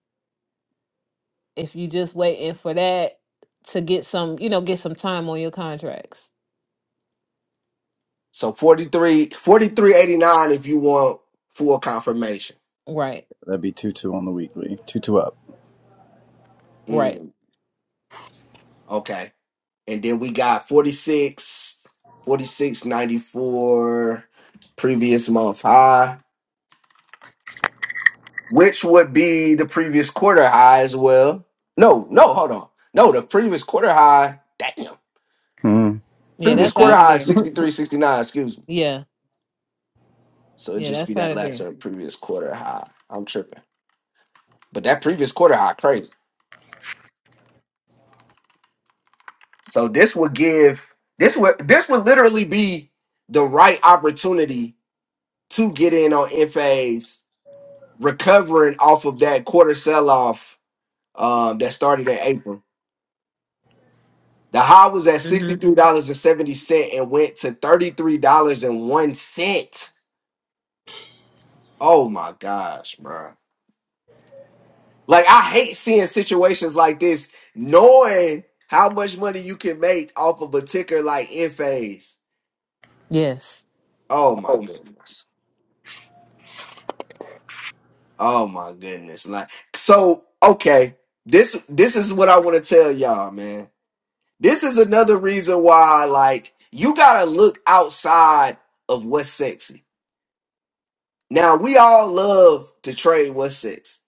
If you just waiting for that to get some, you know, get some time on your contracts.
So forty three, forty three eighty nine, if you want full confirmation.
Right.
That'd be 2 2 on the weekly. 2 2 up.
Right.
Mm, okay. And then we got forty six, forty six ninety four previous month high, which would be the previous quarter high as well. No, no, hold on. No, the previous quarter high. Damn.
Hmm.
Yeah,
Previous
that's
quarter
out of
high is
there.
63, sixty-nine, excuse me.
Yeah.
So it
Yeah,
just be
that's
that
out of
last
there.
or previous quarter high. I'm tripping. But that previous quarter high crazy. So this would give this would this would literally be the right opportunity to get in on FAs recovering off of that quarter sell off um, that started in April. The high was at
hmm
$63.70 and seventy cent and went to $33.01. Oh my gosh, bro. Like I hate seeing situations like this, knowing how much money you can make off of a ticker like Enphase.
Yes.
Oh my goodness. Oh my goodness. Like so okay. This this is what I want to tell y'all, man. This is another reason why like you gotta look outside of what's sexy. Now we all love to trade what's sexy,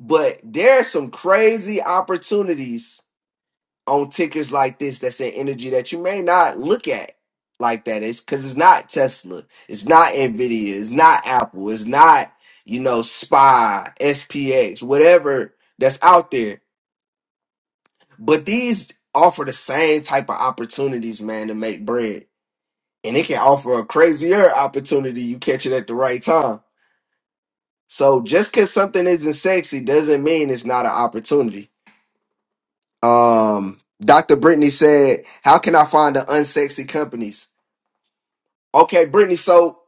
but there are some crazy opportunities on tickers like this that's an energy that you may not look at like that. It's because it's not tesla it's not nvidia it's not apple it's not you know spy spx whatever that's out there but these offer the same type of opportunities man to make bread and it can offer a crazier opportunity you catch it at the right time so just because something isn't sexy doesn't mean it's not an opportunity um Dr. Brittany said, How can I find the unsexy companies? Okay, Brittany. So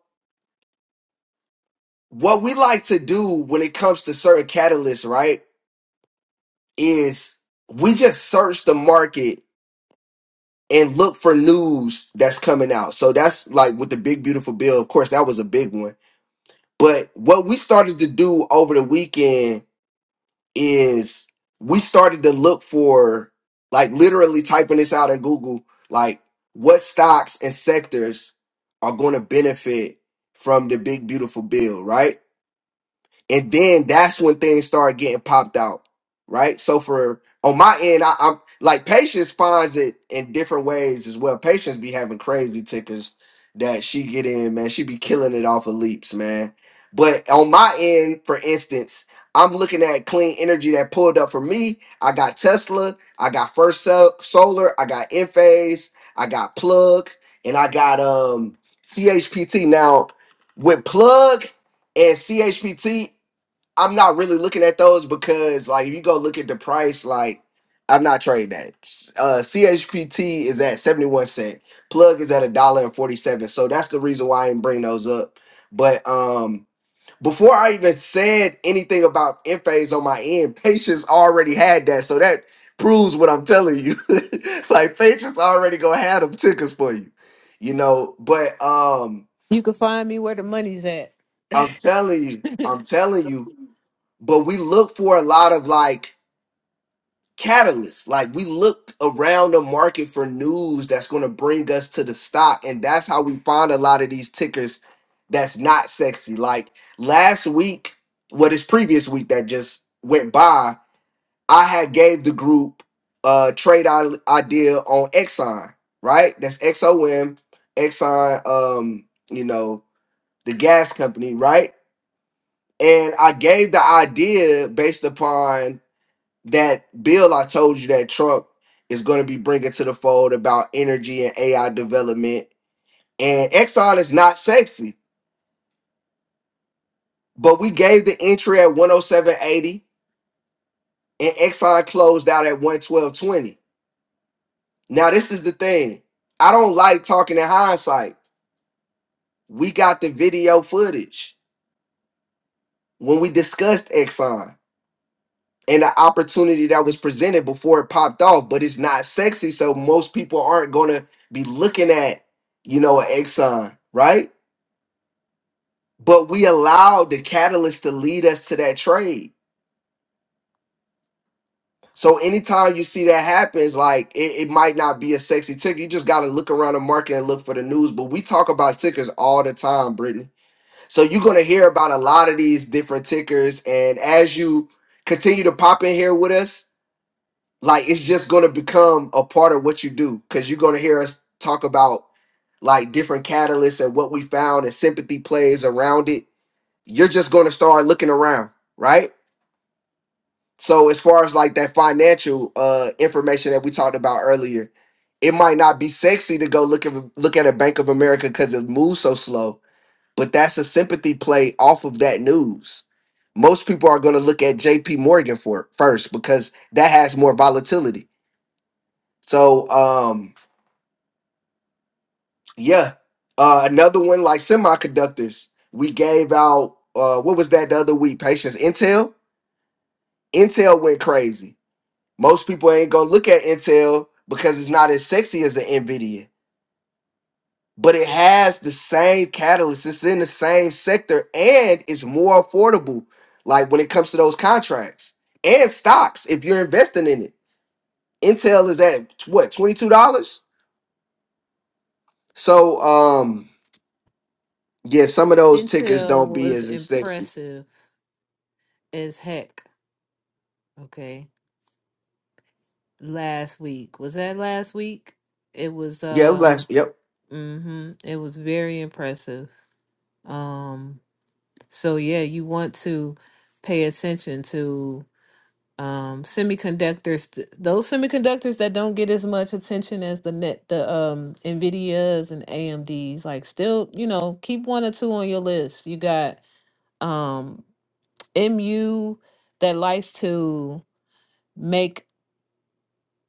what we like to do when it comes to certain catalysts, right, is we just search the market and look for news that's coming out. So that's like with the big beautiful bill. Of course, that was a big one. But what we started to do over the weekend is we started to look for like literally typing this out in Google, like what stocks and sectors are going to benefit from the big beautiful bill, right? and then that's when things start getting popped out, right? So for on my end, I, I'm like patience finds it in different ways as well. Patience be having crazy tickers that she get in, man. She be killing it off of leaps, man. But on my end, for instance, I'm looking at clean energy that pulled up for me. I got Tesla, I got First Sol- Solar, I got Enphase, I got Plug, and I got um CHPT. Now with Plug and CHPT I'm not really looking at those because like if you go look at the price, like I'm not trading that. Uh CHPT is at 71 cent. Plug is at a dollar and 47. So that's the reason why I didn't bring those up. But um before I even said anything about phase on my end, patience already had that. So that proves what I'm telling you. like patience already gonna have them tickets for you. You know, but um
You can find me where the money's at.
I'm telling you, I'm telling you, but we look for a lot of like catalyst. Like we look around the market for news that's going to bring us to the stock, and that's how we find a lot of these tickers that's not sexy. Like last week, what is previous week that just went by, I had gave the group a trade i- idea on Exxon, right? That's XOM, Exxon, um, you know, the gas company, right? And I gave the idea based upon that bill I told you that Trump is going to be bringing to the fold about energy and AI development. And Exxon is not sexy, but we gave the entry at 107.80 and Exxon closed out at 112.20. Now, this is the thing I don't like talking in hindsight. We got the video footage when we discussed Exxon. and the opportunity that was presented before it popped off, but it's not sexy. So most people aren't gonna be looking at, you know, an Exxon, right? But we allowed the catalyst to lead us to that trade. So anytime you see that happens, like it, it might not be a sexy ticker. You just gotta look around the market and look for the news. But we talk about tickers all the time, Brittany. So you're gonna hear about a lot of these different tickers. And as you continue to pop in here with us, like it's just going to become a part of what you do because you're going to hear us talk about like different catalysts and what we found and sympathy plays around it you're just going to start looking around right so as far as like that financial uh information that we talked about earlier it might not be sexy to go look at look at a bank of america because it moves so slow but that's a sympathy play off of that news most people are going to look at jp morgan for first because that has more volatility so um yeah. Uh another one like semiconductors. We gave out uh what was that the other week? Patience. Intel. Intel went crazy. Most people ain't gonna look at Intel because it's not as sexy as an Nvidia. But it has the same catalyst. It's in the same sector and it's more affordable. Like when it comes to those contracts and stocks, if you're investing in it, Intel is at what twenty two dollars. So um Yeah, some of those tickers
Intel
don't be
was
as as sexy.
impressive as heck. Okay, last week was that last week? It was.
Yeah, I'm
Uh,
like, yep.
mm-hmm. It was very impressive. Um. So yeah, you want to pay attention to um semiconductors. th- Those semiconductors that don't get as much attention as the net, the um Nvidias and AMDs. Like still, you know, keep one or two on your list. You got. um MU that likes to make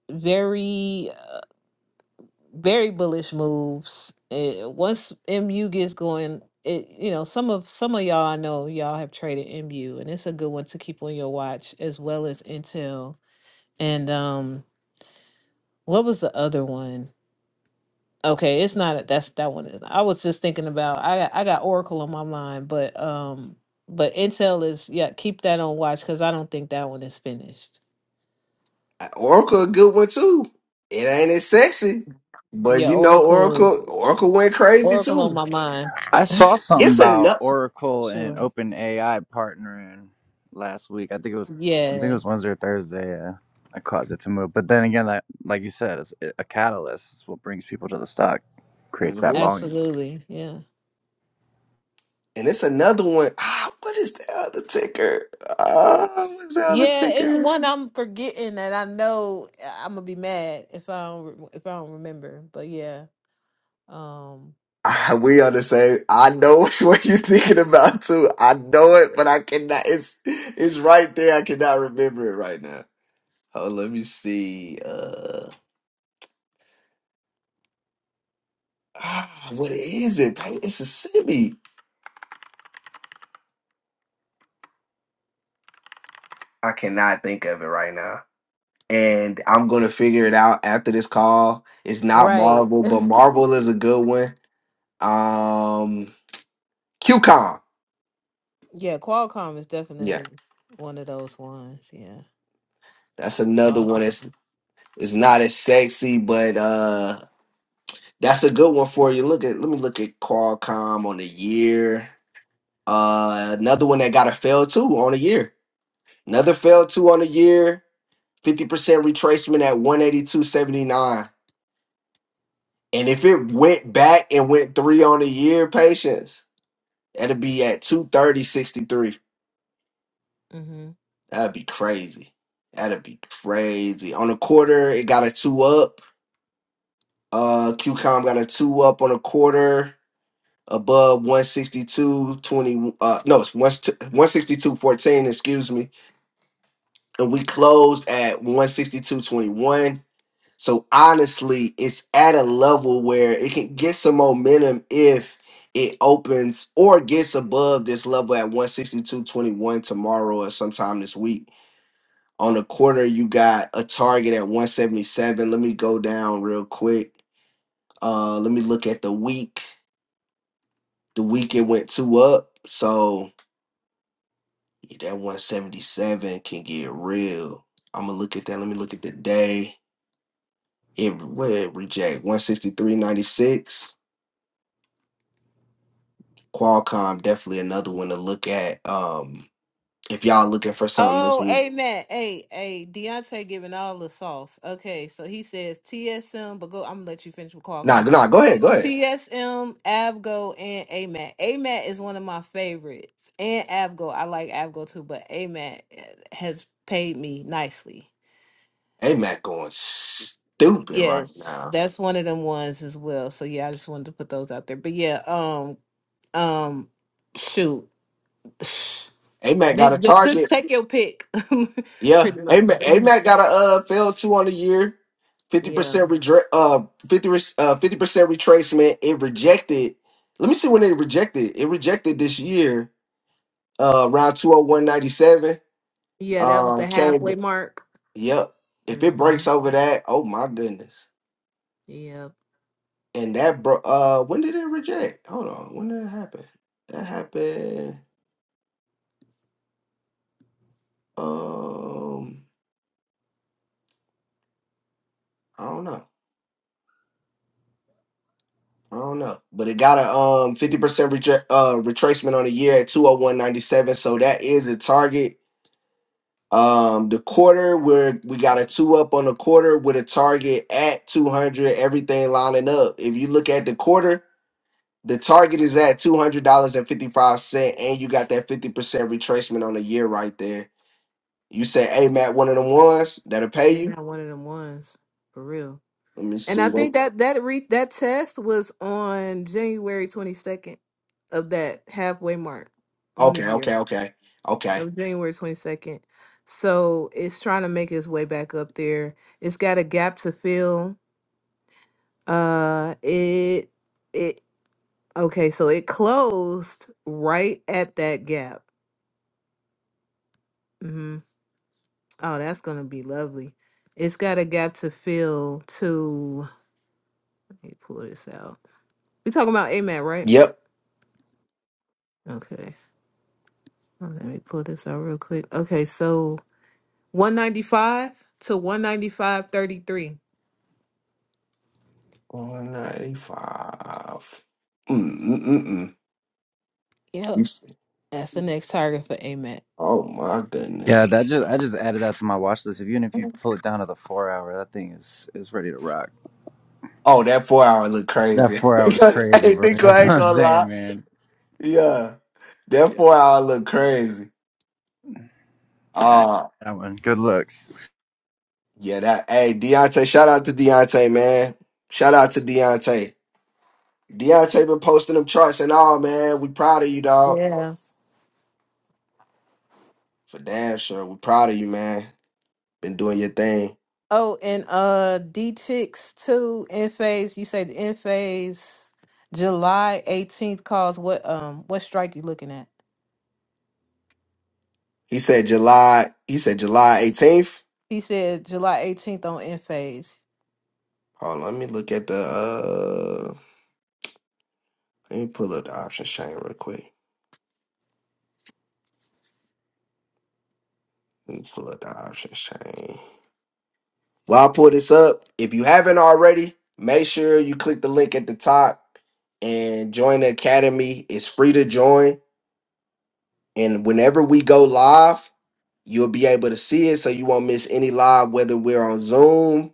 very, uh, very bullish moves. eh, once MU gets going, it you know some of some of y'all I know y'all have traded MU, and it's a good one to keep on your watch as well as Intel. And um, what was the other one? Okay, it's not that's that one is. I was just thinking about I got, I got Oracle on my mind, but um, but Intel is yeah keep that on watch because I don't think that one is finished.
Oracle a good one too. It ain't as sexy, but
Yeah,
you know
Oracle is.
Oracle Oracle went crazy
Oracle on
too.
my mind.
I saw something
It's
about
another,
Oracle and
Sure.
OpenAI partnering last week. I think it was I think it
Yeah,
was Wednesday or Thursday. Yeah, that caused it to move. But then again, like like you said, it's a catalyst. It's what brings people to the stock, creates that
hmm
volume.
absolutely. Yeah.
and it's another one. Ah, what is the other ticker? Ah, what's the other
Yeah, it's
ticker?
one I'm forgetting that I know I'm gonna be mad if I don't re- if I don't remember. But yeah, um,
Ah, we on the same. I know what you're thinking about too. I know it, but I cannot. It's it's right there. I cannot remember it right now. Oh, let me see. Uh. ah, what is it? Dang, Mississippi. I cannot think of it right now. And I'm gonna figure it out after this call. It's not
right.
Marvel, but Marvel is a good one. Um QCon.
Yeah, Qualcomm is
Yeah,
definitely one of those ones. Yeah,
that's another one that's
Qualcomm.
it's not as sexy, but uh that's a good one for you. Look at let me look at Qualcomm on the year. Uh another one that got a fail too on the year. Another fail two on the year. 50% retracement at 182.79. And if it went back and went three on the year, patience, that'd be at 230.63.
hmm
That'd be crazy. That'd be crazy. On the quarter, it got a two up. Uh QCOM got a two up on a quarter above 162.20. Uh no, it's 162.14, excuse me. And we closed at 162.21. So honestly, it's at a level where it can get some momentum if it opens or gets above this level at 162.21 tomorrow or sometime this week. On the quarter, you got a target at 177. Let me go down real quick. Uh let me look at the week. The week it went two up. So yeah, that 177 can get real. I'm gonna look at that. Let me look at the day. It where it reject 163.96. Qualcomm definitely another one to look at. Um, if y'all looking for something this
Oh,
week,
amen. Hey, hey, Deontay giving all the sauce. Okay, so he says TSM, but go. I'm gonna let you finish with Qualcomm.
nah, nah, go ahead, go ahead.
TSM, Avgo, and AMAT. AMAT is one of my favorites. And Avgo. I like Avgo too, but AMAT has paid me nicely.
AMAC going stupid right
Yes,
now.
that's one of them ones as well. So yeah, I just wanted to put those out there. But yeah, um, um, shoot,
AMAC
You-
got a
you- to
target.
take your pick,
Yeah,
pretty much.
AMAC, AMAC got a uh fail two on the year, fifty
Yeah,
percent redre- uh fifty uh fifty percent retracement. It rejected. Let me see when it rejected. It rejected this year, uh, around two hundred one ninety seven.
yeah, that was the
Um,
halfway
came.
mark.
Yep. If
hmm
it breaks over that, oh my goodness.
Yeah,
and that bro uh when did it reject hold on when did it happen that happened um i don't know i don't know but it got a um 50% reject uh retracement on the year at 201.97 so that is a target um the quarter where we got a two up on the quarter with a target at 200 everything lining up if you look at the quarter the target is at $200.55 and fifty five cent, and you got that 50% retracement on the year right there You say, "Hey, Matt, one of them ones that'll pay
ain't
you."
that one of them ones for real?
Let me
And I
see.
think that that re- that test was on January 22nd of that halfway mark on the
Okay,
year.
okay, okay,
That
okay.
was January 22nd. So it's trying to make its way back up there. It's got a gap to fill. Uh it it okay, so it closed right at that gap. hmm Oh, that's gonna be lovely. It's got a gap to fill to let me pull this out. We talking about AMAT, right?
Yep.
Okay. Oh, Let me pull this out real quick. Okay, so 195 to 195.33.
One ninety-five. Mm mm mm. mm. You
Yep.
s-
That's the next target for AMAT.
Oh my
Yeah,
goodness.
that just I just added that to my watch list. If even if you pull it down to the four hour, that thing is is ready to rock.
Oh, that four hour look
That
crazy.
four hour is crazy,
hey,
bro.
Nico,
That's
I
what
ain't
I'm
gonna
saying,
lie.
man.
Yeah, that
Yeah,
four hour look crazy.
yeah,
Ah,
that one. Good looks.
yeah. That. Hey, Deontay. Shout out to Deontay, man. Shout out to Deontay. Deontay been posting them charts and all, man. We proud of you, dog.
Yeah.
For damn sure. We proud of you, man. Been doing your thing.
Oh, and uh D Chicks 2 in phase, you say the in phase July 18th calls what um what strike you looking at?
He said July he said July 18th.
He said July 18th on in phase.
Hold on, let me look at the uh let me pull up the options chain real quick. Let me pull up the options chain. While I pull this up, if you haven't already, make sure you click the link at the top and join the academy. It's free to join. And whenever we go live, you'll be able to see it so you won't miss any live, whether we're on Zoom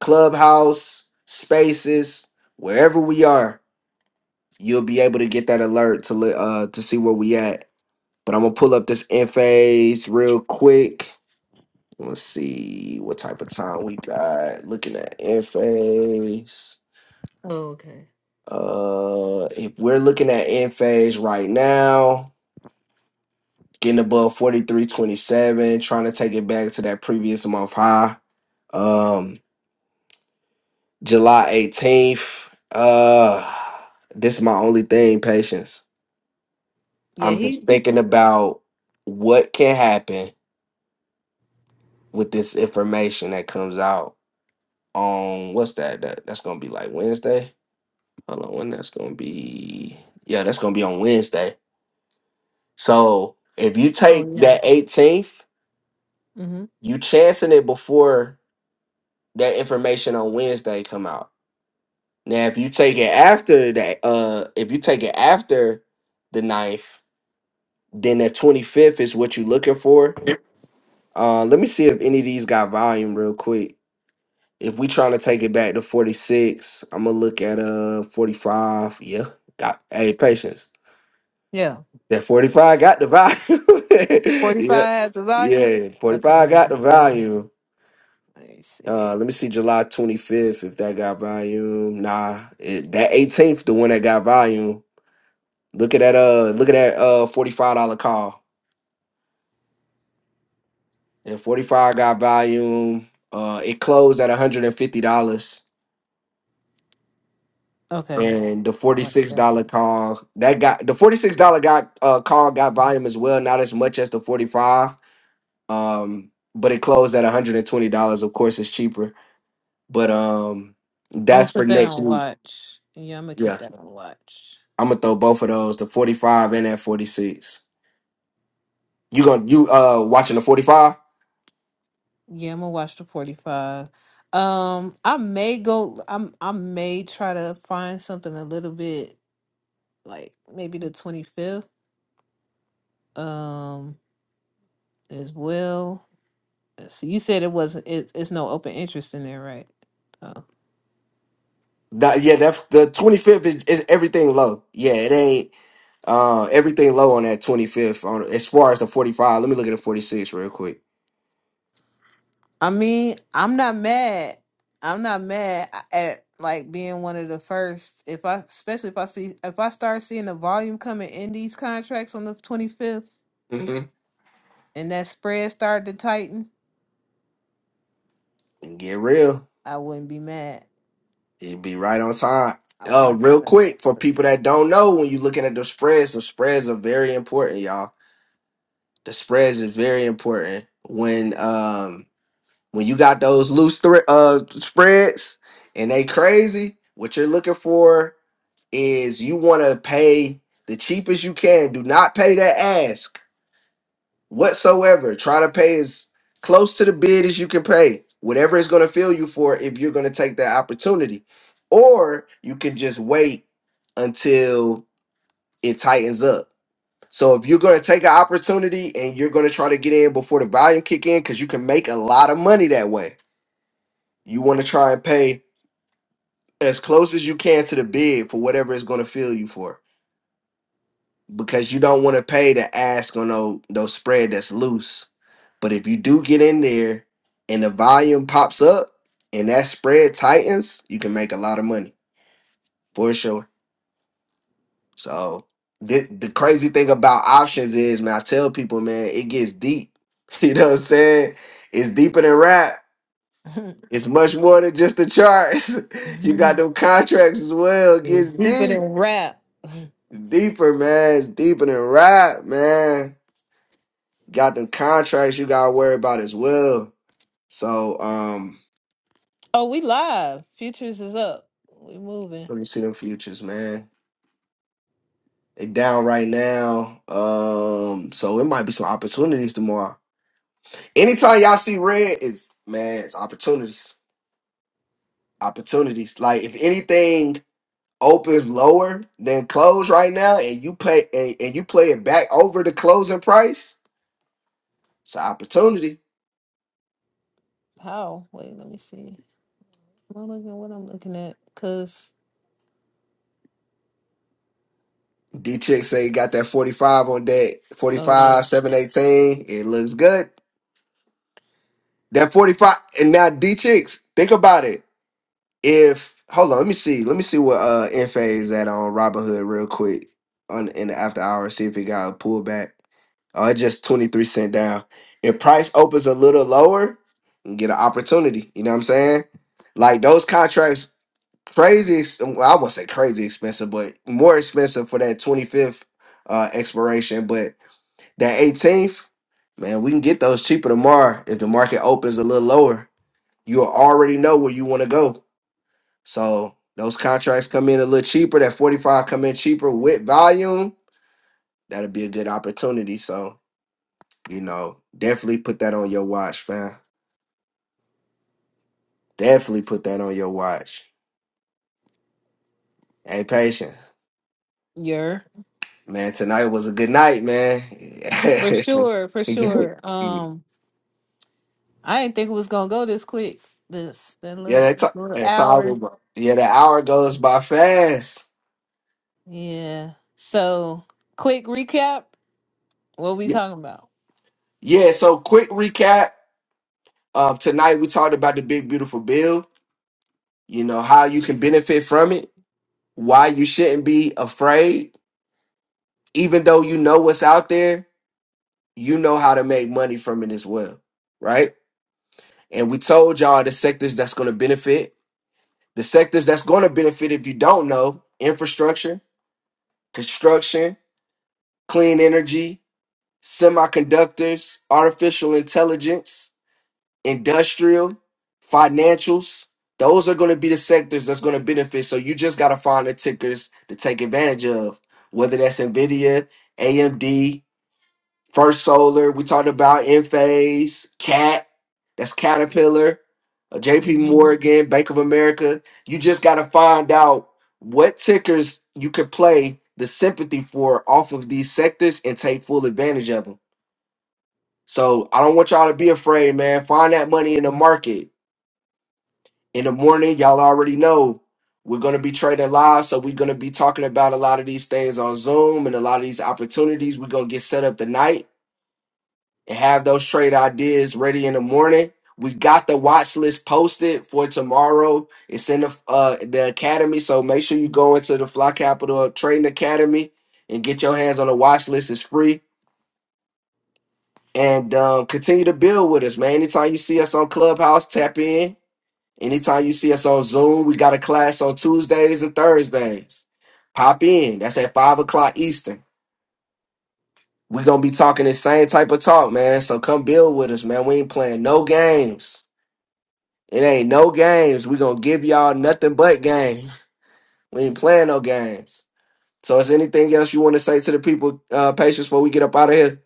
clubhouse spaces wherever we are you'll be able to get that alert to li- uh to see where we at but i'm gonna pull up this nfas real quick let's see what type of time we got looking at nfas
Oh, okay.
uh if we're looking at nfas right now getting above 4327 trying to take it back to that previous month high um. July 18th. Uh this is my only thing, patience.
Yeah,
I'm
he
just thinking about what can happen with this information that comes out on what's that? that that's gonna be like Wednesday. Hold on, when that's gonna be yeah, that's gonna be on Wednesday. So if you
Oh
take
yeah.
that 18th,
Mm-hmm.
you chancing it before that information on Wednesday come out. Now if you take it after that, uh if you take it after the ninth. Then that 25th is what you looking for. Uh, let me see if any of these got volume real quick. If we trying to take it back to 46, I'm gonna look at uh 45. Yeah, got hey patience.
Yeah.
That 45 got the volume.
45
yeah,
has the volume.
yeah,
Okay,
45
let
got
me
the
see.
volume.
Let me
Uh,
see.
let me see July 25th if that got volume. Nah, it, that 18th, the one that got volume. Look at that uh look at that uh $45 call. and 45 got volume. Uh, it closed at $150. And fifty dollars,
Okay.
and the
I like
$46
that.
call that got the $46 got uh call got volume as well, not as much as the 45. Um, but it closed at $120. Of course, it's cheaper. But um
I'm gonna
that's for
put that
next
on
week.
watch. Yeah, I'm gonna keep
Yeah.
that on watch.
I'm gonna throw both of those, the 45 and that 46. You gonna you uh watching the 45?
Yeah, I'm gonna watch the 45. Um, I may go. I'm. I may try to find something a little bit like maybe the 25th. Um, as well. So you said it wasn't. It, it's no open interest in there, right? So
That, yeah, that's the 25th is, is everything low. Yeah, it ain't Uh, everything low on that 25th. On as far as the 45, let me look at the 46 real quick.
I mean, I'm not mad. I'm not mad at like being one of the first. If I, especially if I see, if I start seeing the volume coming in these contracts on the 25th.
hmm
and that spread started to tighten,
And get real.
I wouldn't be mad.
It'd be right on time.
I
Oh,
watched
real
one
quick for
of
people that don't know, when you're looking at the spreads, the spreads are very important, y'all. The spreads is very important when um when you got those loose thre- uh spreads and they crazy, what you're looking for is you want to pay the cheapest you can. Do not pay that ask whatsoever. Try to pay as close to the bid as you can pay. Whatever it's going to feel you for if you're going to take that opportunity. Or you can just wait until it tightens up. So if you're going to take an opportunity and you're going to try to get in before the volume kick in cuz you can make a lot of money that way you want to try and pay as close as you can to the bid for whatever it's going to feel you for because you don't want to pay the ask on those, those spread that's loose. But if you do get in there and the volume pops up and that spread tightens, you can make a lot of money for sure. So the, the crazy thing about options is, man, I tell people, man, it gets deep. You know what I'm saying? It's deeper than rap.
those
It's much more than just the charts. you got
too.
them contracts as well. It gets
Deeper
deep.
than rap.
Deeper, man. It's deeper than rap, man. Got them contracts you gotta worry about as well. So, um,
Oh, we live. Futures is up. We moving.
let me see them futures, man. They down right now. Um, so it might be some opportunities tomorrow. Anytime y'all see red, is man, it's opportunities. Opportunities. Like if anything opens lower than close right now and you pay and, and you play it back over the closing price, it's an opportunity.
How? Wait, let me see. Am I looking at what I'm looking at? Cause
D Chick say got that 45 on deck.
oh yeah,
45, 718. It looks good. That 45. And now D Chicks, think about it. If hold on, let me see. Let me see what uh NFA is at on Robinhood real quick on in the after hour. See if he got a pullback. Oh, it just 23 cent down. If price opens a little lower, you get an opportunity. You know what I'm saying? Like those contracts, crazy. ex- Well, I won't say crazy expensive, but more expensive for that 25th uh expiration. But That 18th, man, we can get those cheaper tomorrow if the market opens a little lower. You already know where you want to go. So those contracts come in a little cheaper. That 45 come in cheaper with volume. That'll be a good opportunity. So, you know, definitely put that on your watch, fam. Definitely put that on your watch. Hey, patient.
you're
Man, tonight was a good night, man. yeah,
for sure, for sure. Um, I didn't think it was gonna go this quick. This that little
that time,
little
that time,
hour.
will yeah, the hour goes by fast.
Yeah. So quick recap. What we talking about?
Yeah, so quick recap. Uh, tonight we talked about the big beautiful bill, you know, how you can benefit from it, why you shouldn't be afraid. Even though you know what's out there, you know how to make money from it as well, right? And we told y'all the sectors that's going to benefit. The sectors that's going to benefit if you don't know, infrastructure, construction, clean energy, semiconductors, artificial intelligence, industrial, financials. Those are going to be the sectors that's going to benefit. So you just got to find the tickers to take advantage of, whether that's NVIDIA, AMD, First Solar. We talked about Enphase, Cat, that's Caterpillar, uh, JP
Mm-hmm.
Morgan, Bank of America. You just got to find out what tickers you could play the sympathy for off of these sectors and take full advantage of them. So I don't want y'all to be afraid, man. Find that money in the market in the morning, y'all already know we're going to be trading live. So we're going to be talking about a lot of these things on Zoom and a lot of these opportunities. We're going to get set up tonight and have those trade ideas ready in the morning. We got the watch list posted for tomorrow. It's in the uh, the academy, so make sure you go into the Fly Capital Trading Academy and get your hands on the watch list. It's free and um, continue to build with us, man. Anytime you see us on Clubhouse, tap in Anytime you see us on Zoom, we got a class on Tuesdays and Thursdays. Pop in. That's at five o'clock Eastern. We're gonna be talking the same type of talk, man. So come build with us, man. We ain't playing no games. It ain't no games. we gonna give y'all nothing but game. We ain't playing no games. So is anything else you wanna say to the people, uh patients before we get up out of here?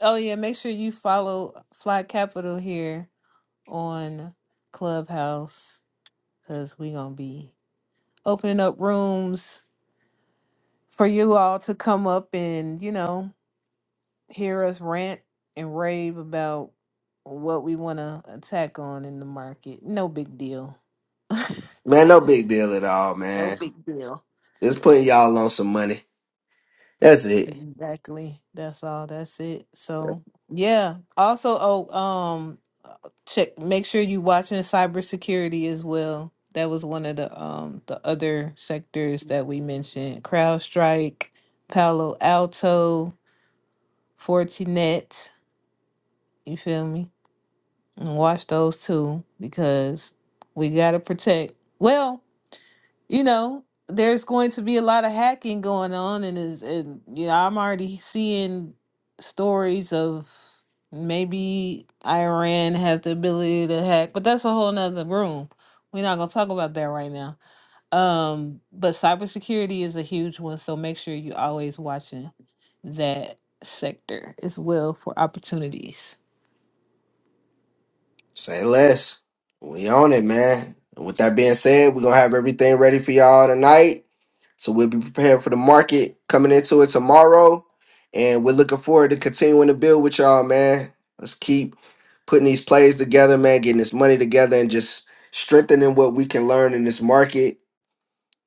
Oh yeah, make sure you follow Fly Capital here on Clubhouse because we gonna be opening up rooms for you all to come up and you know hear us rant and rave about what we want to attack on in the market. No big deal.
Man, no big deal at all,
no
man.
big deal.
Just putting y'all on some money. That's it.
Exactly. That's all. That's it. So yeah. Also, oh, um, check. Make sure you watching cybersecurity as well. That was one of the um the other sectors that we mentioned. CrowdStrike, Palo Alto, Fortinet. You feel me? And watch those two because we gotta protect. Well, you know, there's going to be a lot of hacking going on, and is and you know, I'm already seeing stories of maybe Iran has the ability to hack, but that's a whole nother room. We're not gonna talk about that right now. Um, but cybersecurity is a huge one, so make sure you're always watching that sector as well for opportunities.
Say less. We on it, man. And With that being said, we're gonna have everything ready for y'all tonight. So we'll be prepared for the market coming into it tomorrow. And we're looking forward to continuing to build with y'all, man. Let's keep putting these plays together, man, getting this money together and just strengthening what we can learn in this market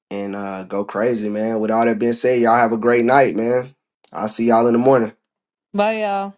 and uh go crazy, man. With all that being said, y'all have a great night, man. I'll see y'all in the morning.
Bye, y'all.